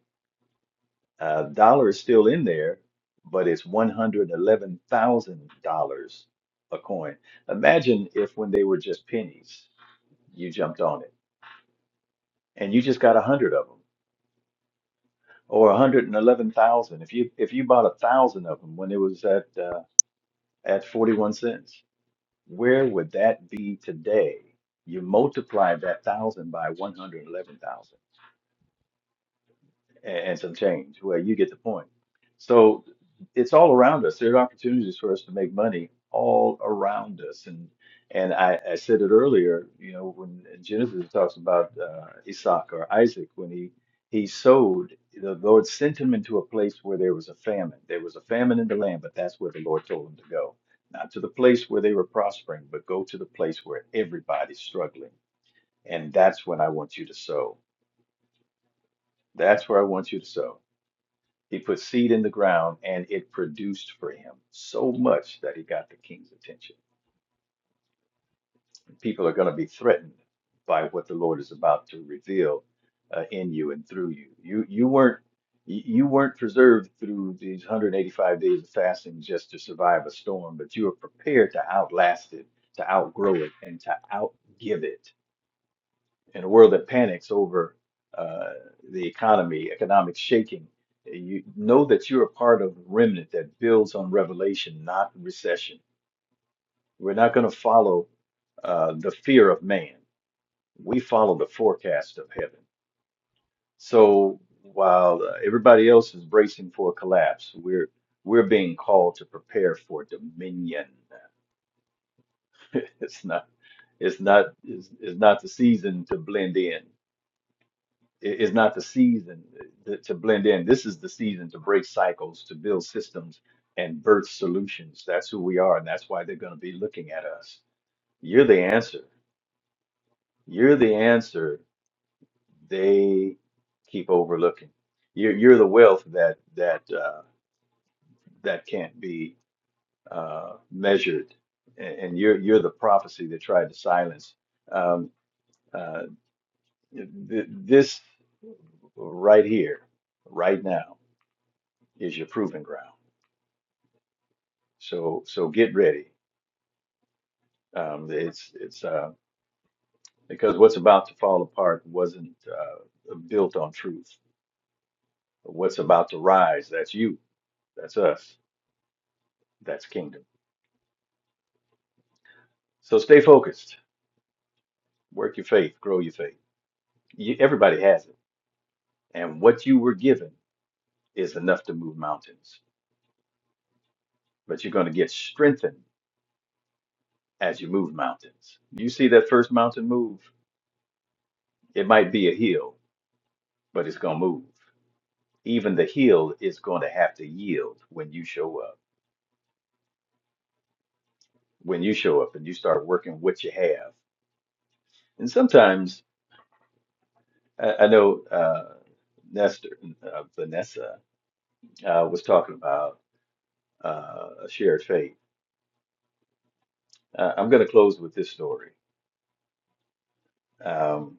Speaker 4: uh, dollar is still in there, but it's $111,000 a coin. Imagine if when they were just pennies, you jumped on it and you just got a hundred of them or 111,000. If you if you bought a thousand of them when it was at uh, at 41 cents, where would that be today? You multiply that thousand by 111,000. and, and some change. Well, you get the point. So it's all around us. There are opportunities for us to make money all around us. And and I, I said it earlier, you know, when Genesis talks about uh, Isaac or Isaac, when he he sowed, the Lord sent him into a place where there was a famine. There was a famine in the land, but that's where the Lord told him to go. Not to the place where they were prospering, but go to the place where everybody's struggling. And that's when I want you to sow. That's where I want you to sow he put seed in the ground and it produced for him so much that he got the king's attention. And People are going to be threatened by what the Lord is about to reveal uh, in you and through you. You you weren't you you weren't preserved through these 185 days of fasting just to survive a storm, but you were prepared to outlast it, to outgrow it, and to outgive it in a world that panics over uh, the economy, economic shaking, you know that you're a part of the remnant that builds on revelation, not recession. We're not going to follow uh, the fear of man. We follow the forecast of heaven. So while uh, everybody else is bracing for a collapse, we're we're being called to prepare for dominion. it's not it's not it's, it's not the season to blend in. it- It's not the season to to blend in. This is the season to break cycles, to build systems and birth solutions. That's who we are, and that's why they're going to be looking at us. You're the answer. You're the answer they keep overlooking. You're you're the wealth that that uh, that can't be uh, measured, and and you're you're the prophecy that tried to silence. Um, uh, th- th- this right here, right now, is your proving ground So so get ready. Um, it's it's uh, because what's about to fall apart wasn't uh, built on truth. What's about to rise? That's you. That's us. That's kingdom. So stay focused. Work your faith. Grow your faith. You, everybody has it, and what you were given is enough to move mountains. But you're going to get strengthened as you move mountains. You see that first mountain move? It might be a hill, but it's going to move. Even the hill is going to have to yield when you show up when you show up and you start working what you have. And sometimes I, I know uh, Nestor, uh, Vanessa uh, was talking about uh, a shared fate. Uh, I'm going to close with this story. Um,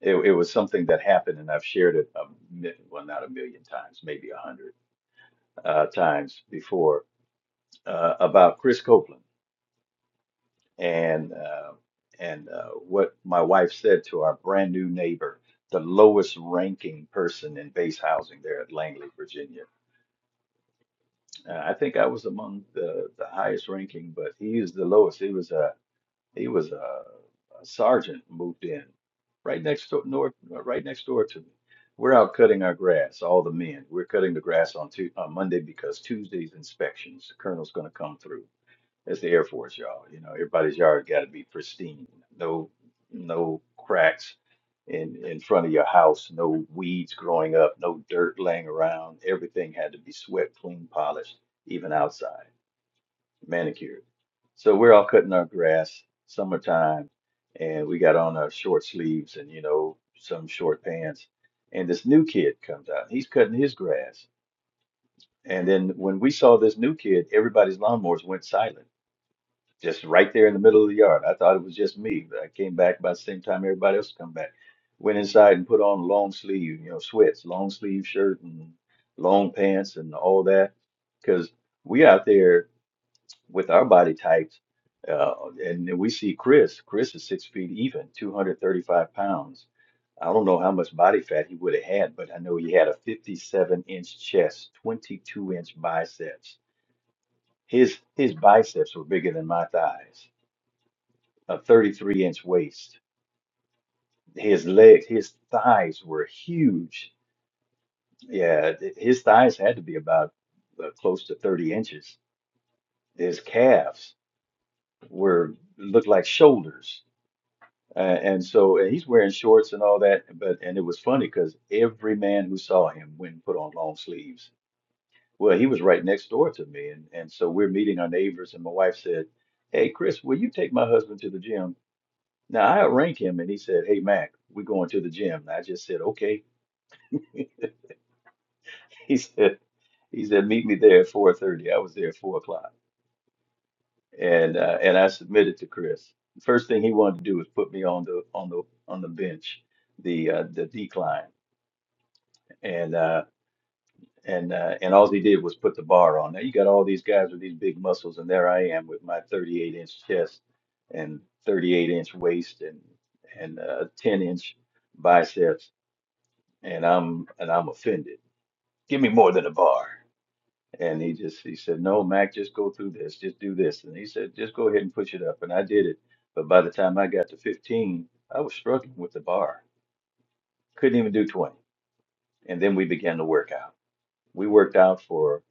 Speaker 4: it, it was something that happened, and I've shared it, a, mi- well, not a million times, maybe a hundred uh, times before, uh, about Chris Copeland. and uh, and uh, what my wife said to our brand new neighbor, the lowest ranking person in base housing there at Langley, Virginia. Uh, I think I was among the the highest ranking, but he is the lowest. He was a he was a, a sergeant moved in right next door north right next door to me. We're out cutting our grass, all the men. We're cutting the grass on, Tu on Monday because Tuesday's inspections, the colonel's going to come through. That's the Air Force, y'all. You know, everybody's yard got to be pristine. No, no cracks in in front of your house. No weeds growing up. No dirt laying around. Everything had to be swept clean, polished, even outside, manicured. So we're all cutting our grass, summertime, and we got on our short sleeves and you know some short pants. And this new kid comes out. He's cutting his grass. And then when we saw this new kid, everybody's lawnmowers went silent just right there in the middle of the yard. I thought it was just me, but I came back about the same time everybody else come back. Went inside and put on long sleeve, you know, sweats, long sleeve shirt and long pants and all that, because we out there with our body types, uh, and then we see Chris. Chris is six feet even, 235 pounds. I don't know how much body fat he would have had, but I know he had a 57 inch chest, 22 inch biceps. His his biceps were bigger than my thighs a 33 inch waist. His legs, his thighs were huge. Yeah, th- his thighs had to be about uh, close to 30 inches. His calves were looked like shoulders. Uh, and so and he's wearing shorts and all that, but and it was funny because every man who saw him went and put on long sleeves. Well, he was right next door to me, and and so we're meeting our neighbors, and my wife said, "Hey, Chris, will you take my husband to the gym?" Now I arranged him, and he said, "Hey, Mac, we're going to the gym." And I just said, "Okay." He said, he said, meet me there at 4:30. I was there at four o'clock, and uh, and I submitted to Chris. The first thing he wanted to do was put me on the on the on the bench, the uh, the decline, and uh, and uh, and all he did was put the bar on. Now you got all these guys with these big muscles, and there I am with my 38 inch chest and 38 inch waist and and uh, 10 inch biceps, and I'm and I'm offended. Give me more than a bar. And he just he said, No, Mac, just go through this, just do this. And he said, just go ahead and push it up. And I did it. But by the time I got to 15, I was struggling with the bar. Couldn't even do 20. And then we began to work out. We worked out for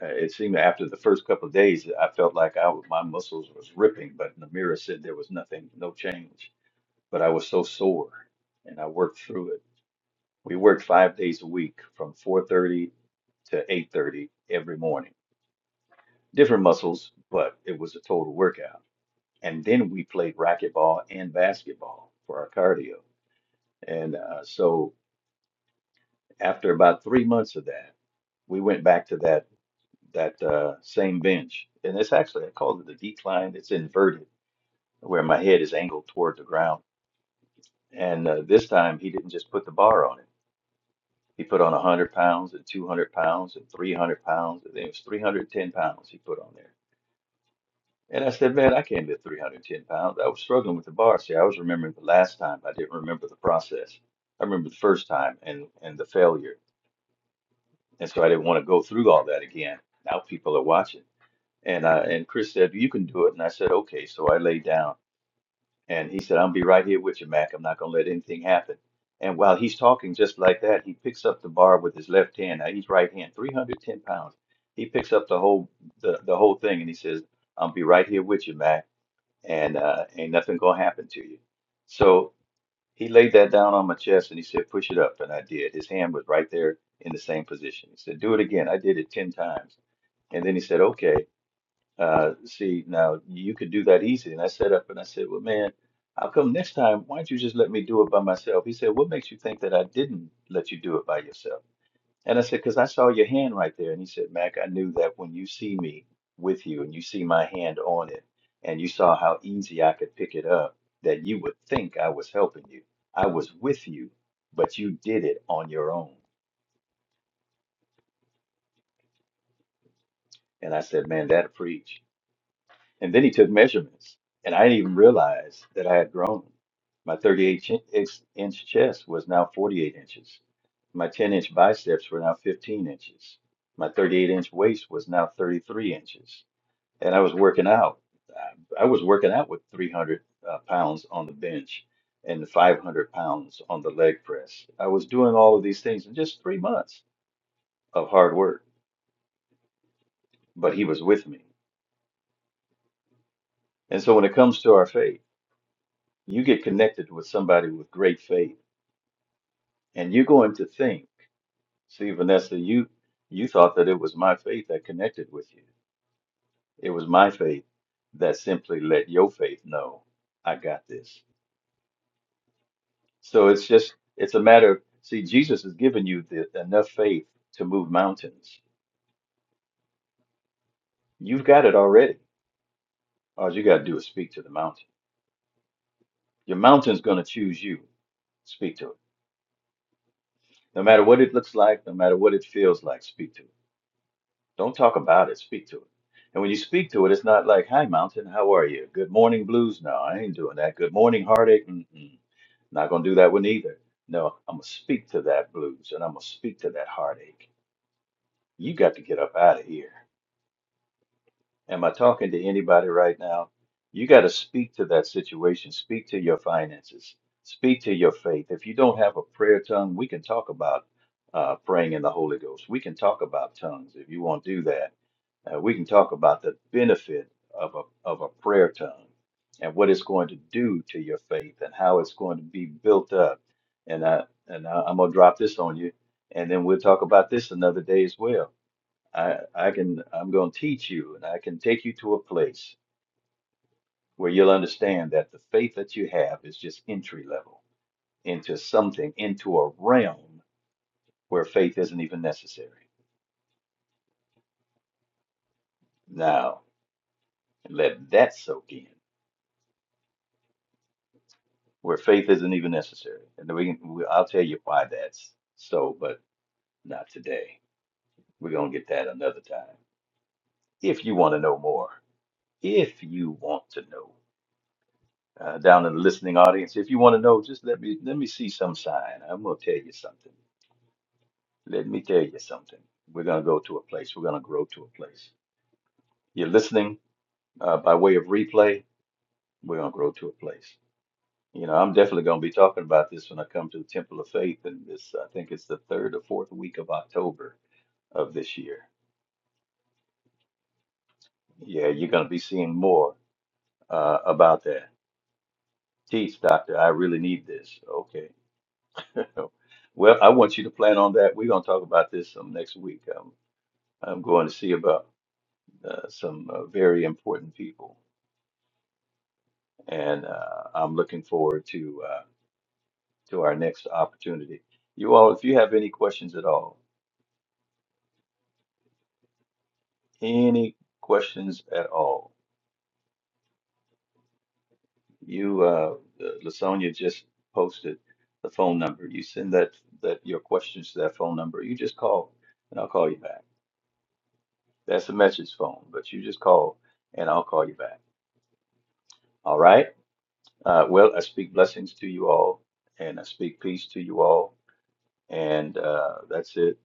Speaker 4: uh, it seemed after the first couple of days, I felt like I was- my muscles was ripping, but Namira said there was nothing, no change. But I was so sore, and I worked through it. We worked five days a week, from 4:30 to 8:30 every morning different muscles, but it was a total workout. And then we played racquetball and basketball for our cardio. And uh, so after about three months of that, we went back to that that uh, same bench. And it's actually I call it the decline. It's inverted, where my head is angled toward the ground. And uh, this time he didn't just put the bar on it. He put on 100 pounds and 200 pounds and 300 pounds. and then it was 310 pounds he put on there And I said, man, I can't lift 310 pounds. I was struggling with the bar. See, I was remembering the last time. I didn't remember the process. I remember the first time and, and the failure. And so I didn't want to go through all that again. Now people are watching. And I, and Chris said, you can do it. And I said, okay. So I laid down and he said, I'll be right here with you, Mac. I'm not going to let anything happen. And while he's talking just like that, he picks up the bar with his left hand. Now he's right hand, 310 pounds. He picks up the whole, the, the whole thing. And he says, I'll be right here with you, Mac and uh, ain't nothing gonna happen to you. So he laid that down on my chest and he said, push it up. And I did. His hand was right there in the same position. He said, do it again. I did it 10 times. And then he said, okay, uh, see, now you could do that easy. And I sat up and I said, well, man, how come next time, why don't you just let me do it by myself? He said, what makes you think that I didn't let you do it by yourself? And I said, because I saw your hand right there. And he said, Mac, I knew that when you see me with you and you see my hand on it and you saw how easy I could pick it up, that you would think I was helping you. I was with you, but you did it on your own. And I said, man, that'll preach. And then he took measurements. And I didn't even realize that I had grown. My 38 chin- inch inch chest was now 48 inches. My 10 inch biceps were now 15 inches. My 38 inch waist was now 33 inches and I was working out. I I was working out with 300 uh, pounds on the bench and 500 pounds on the leg press. I was doing all of these things in just three months of hard work, but he was with me. And so when it comes to our faith, you get connected with somebody with great faith, and you're going to think, see, Vanessa, you you thought that it was my faith that connected with you. It was my faith that simply let your faith know I got this. So it's just it's a matter of see, Jesus has given you the, enough faith to move mountains. You've got it already. All you got to do is speak to the mountain. Your mountain's going to choose you. Speak to it. No matter what it looks like, no matter what it feels like, speak to it. Don't talk about it. Speak to it. And when you speak to it, it's not like, "Hi, mountain, how are you? Good morning, blues." No, I ain't doing that. Good morning, heartache. Mm-mm. Not gonna do that one either. No, I'm gonna speak to that blues, and I'm gonna speak to that heartache. You got to get up out of here. Am I talking to anybody right now? You got to speak to that situation, speak to your finances, speak to your faith. If you don't have a prayer tongue, we can talk about uh, praying in the Holy Ghost. We can talk about tongues if you want to do that. Uh, we can talk about the benefit of a, of a prayer tongue and what it's going to do to your faith and how it's going to be built up. And, I, and I, I'm going to drop this on you, and then we'll talk about this another day as well I I can I'm going to teach you and I can take you to a place where you'll understand that the faith that you have is just entry level into something into a realm where faith isn't even necessary. Now, let that soak in. Where faith isn't even necessary. And then we can we, I'll tell you why that's so, but not today. We're going to get that another time. If you want to know more, if you want to know uh, down in the listening audience. If you want to know, just let me let me see some sign. I'm gonna tell you something. Let me tell you something. We're gonna go to a place. We're gonna grow to a place. You're listening uh, by way of replay. We're gonna grow to a place. You know, I'm definitely gonna be talking about this when I come to the Temple of Faith, and this I think it's the third or fourth week of October of this year. Yeah, you're gonna be seeing more uh, about that. Teach, doctor. I really need this. Okay Well, I want you to plan on that. We're going to talk about this some next week. Um, I'm going to see about uh, some uh, very important people, and uh, I'm looking forward to uh, to our next opportunity. You all, if you have any questions at all, any questions at all, you, uh, Lasonia just posted the phone number. You send that that your questions to that phone number. You just call, and I'll call you back. That's a message phone, but you just call, and I'll call you back. All right. Uh, well, I speak blessings to you all, and I speak peace to you all, and uh, that's it.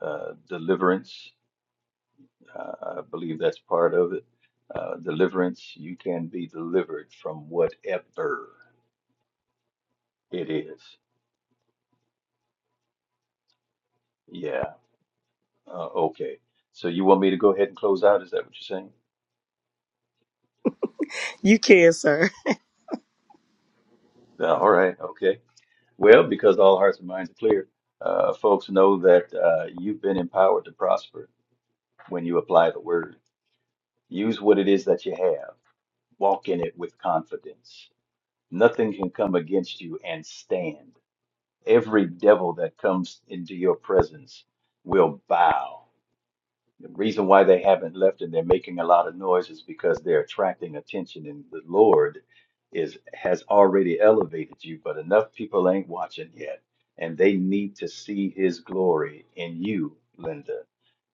Speaker 4: Uh, deliverance, uh, I believe that's part of it. Uh, deliverance, you can be delivered from whatever it is. Yeah, uh, okay. So you want me to go ahead and close out? Is that what you're saying?
Speaker 2: You can, sir.
Speaker 4: Uh, all right, okay. Well, because all hearts and minds are clear, uh, folks know that uh, you've been empowered to prosper when you apply the word. Use what it is that you have Walk in it with confidence. Nothing can come against you and stand. Every devil that comes into your presence will bow. The reason why they haven't left and they're making a lot of noise is because they're attracting attention, and the Lord is has already elevated you, but enough people ain't watching yet, and they need to see His glory in you, Linda.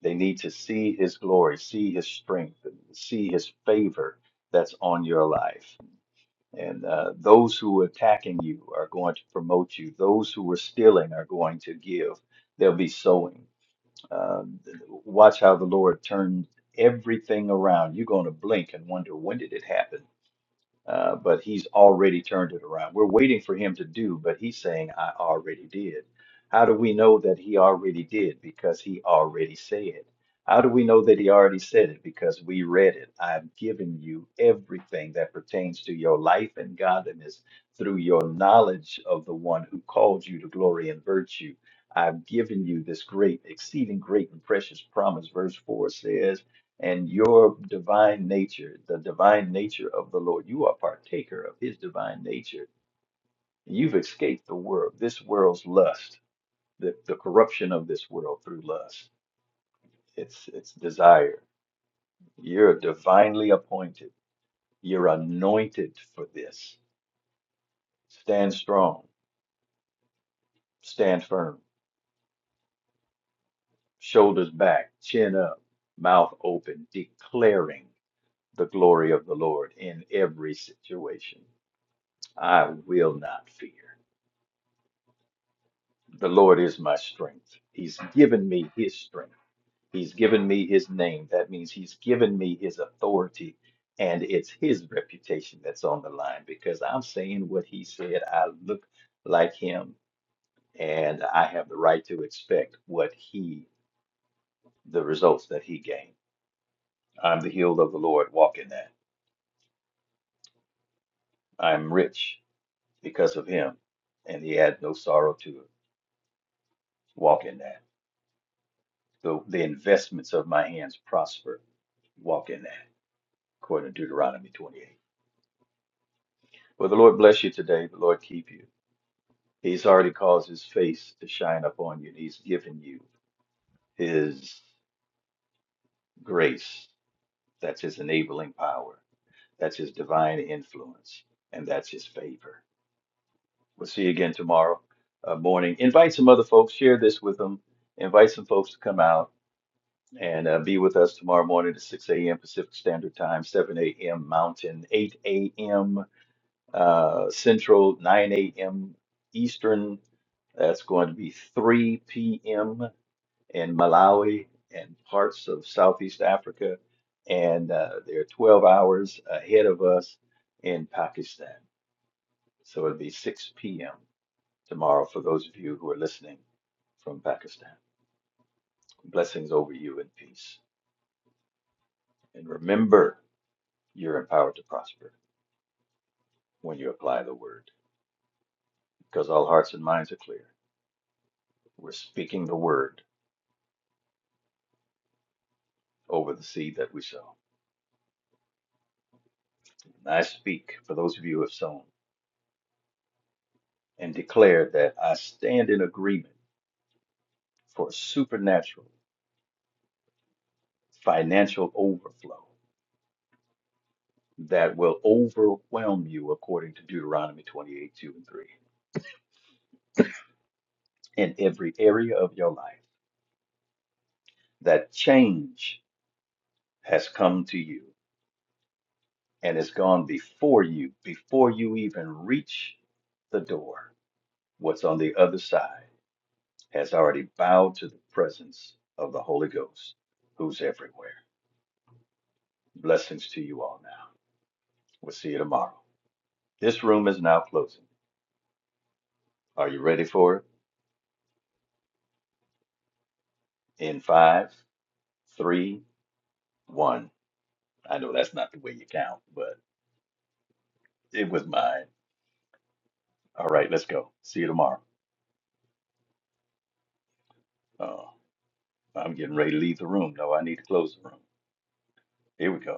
Speaker 4: They need to see His glory, see His strength, see His favor that's on your life. And uh, those who are attacking you are going to promote you. Those who are stealing are going to give. They'll be sowing. Um, watch how the Lord turns everything around. You're going to blink and wonder, when did it happen? Uh, but he's already turned it around. We're waiting for him to do, but he's saying, I already did. How do we know that he already did? Because he already said. How do we know that he already said it? Because we read it. I've given you everything that pertains to your life and godliness through your knowledge of the one who called you to glory and virtue. I've given you this great, exceeding great and precious promise. Verse 4 says, and your divine nature, the divine nature of the Lord. You are partaker of his divine nature. You've escaped the world, this world's lust, the, the corruption of this world through lust, its its desire. You're divinely appointed. You're anointed for this. Stand strong, stand firm, shoulders back, chin up, mouth open, declaring the glory of the Lord in every situation. I will not fear. The Lord is my strength. He's given me his strength. He's given me his name. That means he's given me his authority and it's his reputation that's on the line because I'm saying what he said. I look like him and I have the right to expect what he, the results that he gained. I'm the healed of the Lord, walk in that. I'm rich because of him and he had no sorrow to it. Walk in that. The, the investments of my hands prosper. Walk in that according to Deuteronomy 28. Well, the Lord bless you today. The Lord keep you. He's already caused his face to shine upon you, and he's given you his grace. That's his enabling power. That's his divine influence, and that's his favor. We'll see you again tomorrow uh, morning. Invite some other folks, share this with them, invite some folks to come out and uh, be with us tomorrow morning at 6 a.m. Pacific Standard Time, 7 a.m. Mountain, 8 a.m. uh, Central, 9 a.m. Eastern. That's going to be 3 p.m. in Malawi and parts of Southeast Africa. And uh, they're 12 hours ahead of us in Pakistan. So it'll be 6 p.m. tomorrow for those of you who are listening from Pakistan. Blessings over you and peace. And remember, you're empowered to prosper when you apply the word because all hearts and minds are clear. We're speaking the word over the seed that we sow. And I speak for those of you who have sown and declare that I stand in agreement for supernatural financial overflow that will overwhelm you according to Deuteronomy 28, 2 and 3 in every area of your life. That change has come to you and has gone before you, before you even reach the door. What's on the other side? has already bowed to the presence of the Holy Ghost, who's everywhere. Blessings to you all now. We'll see you tomorrow. This room is now closing. Are you ready for it? In five, three, one. I know that's not the way you count, but it was mine. All right, let's go. See you tomorrow. Oh, I'm getting ready to leave the room. No, I need to close the room. Here we go.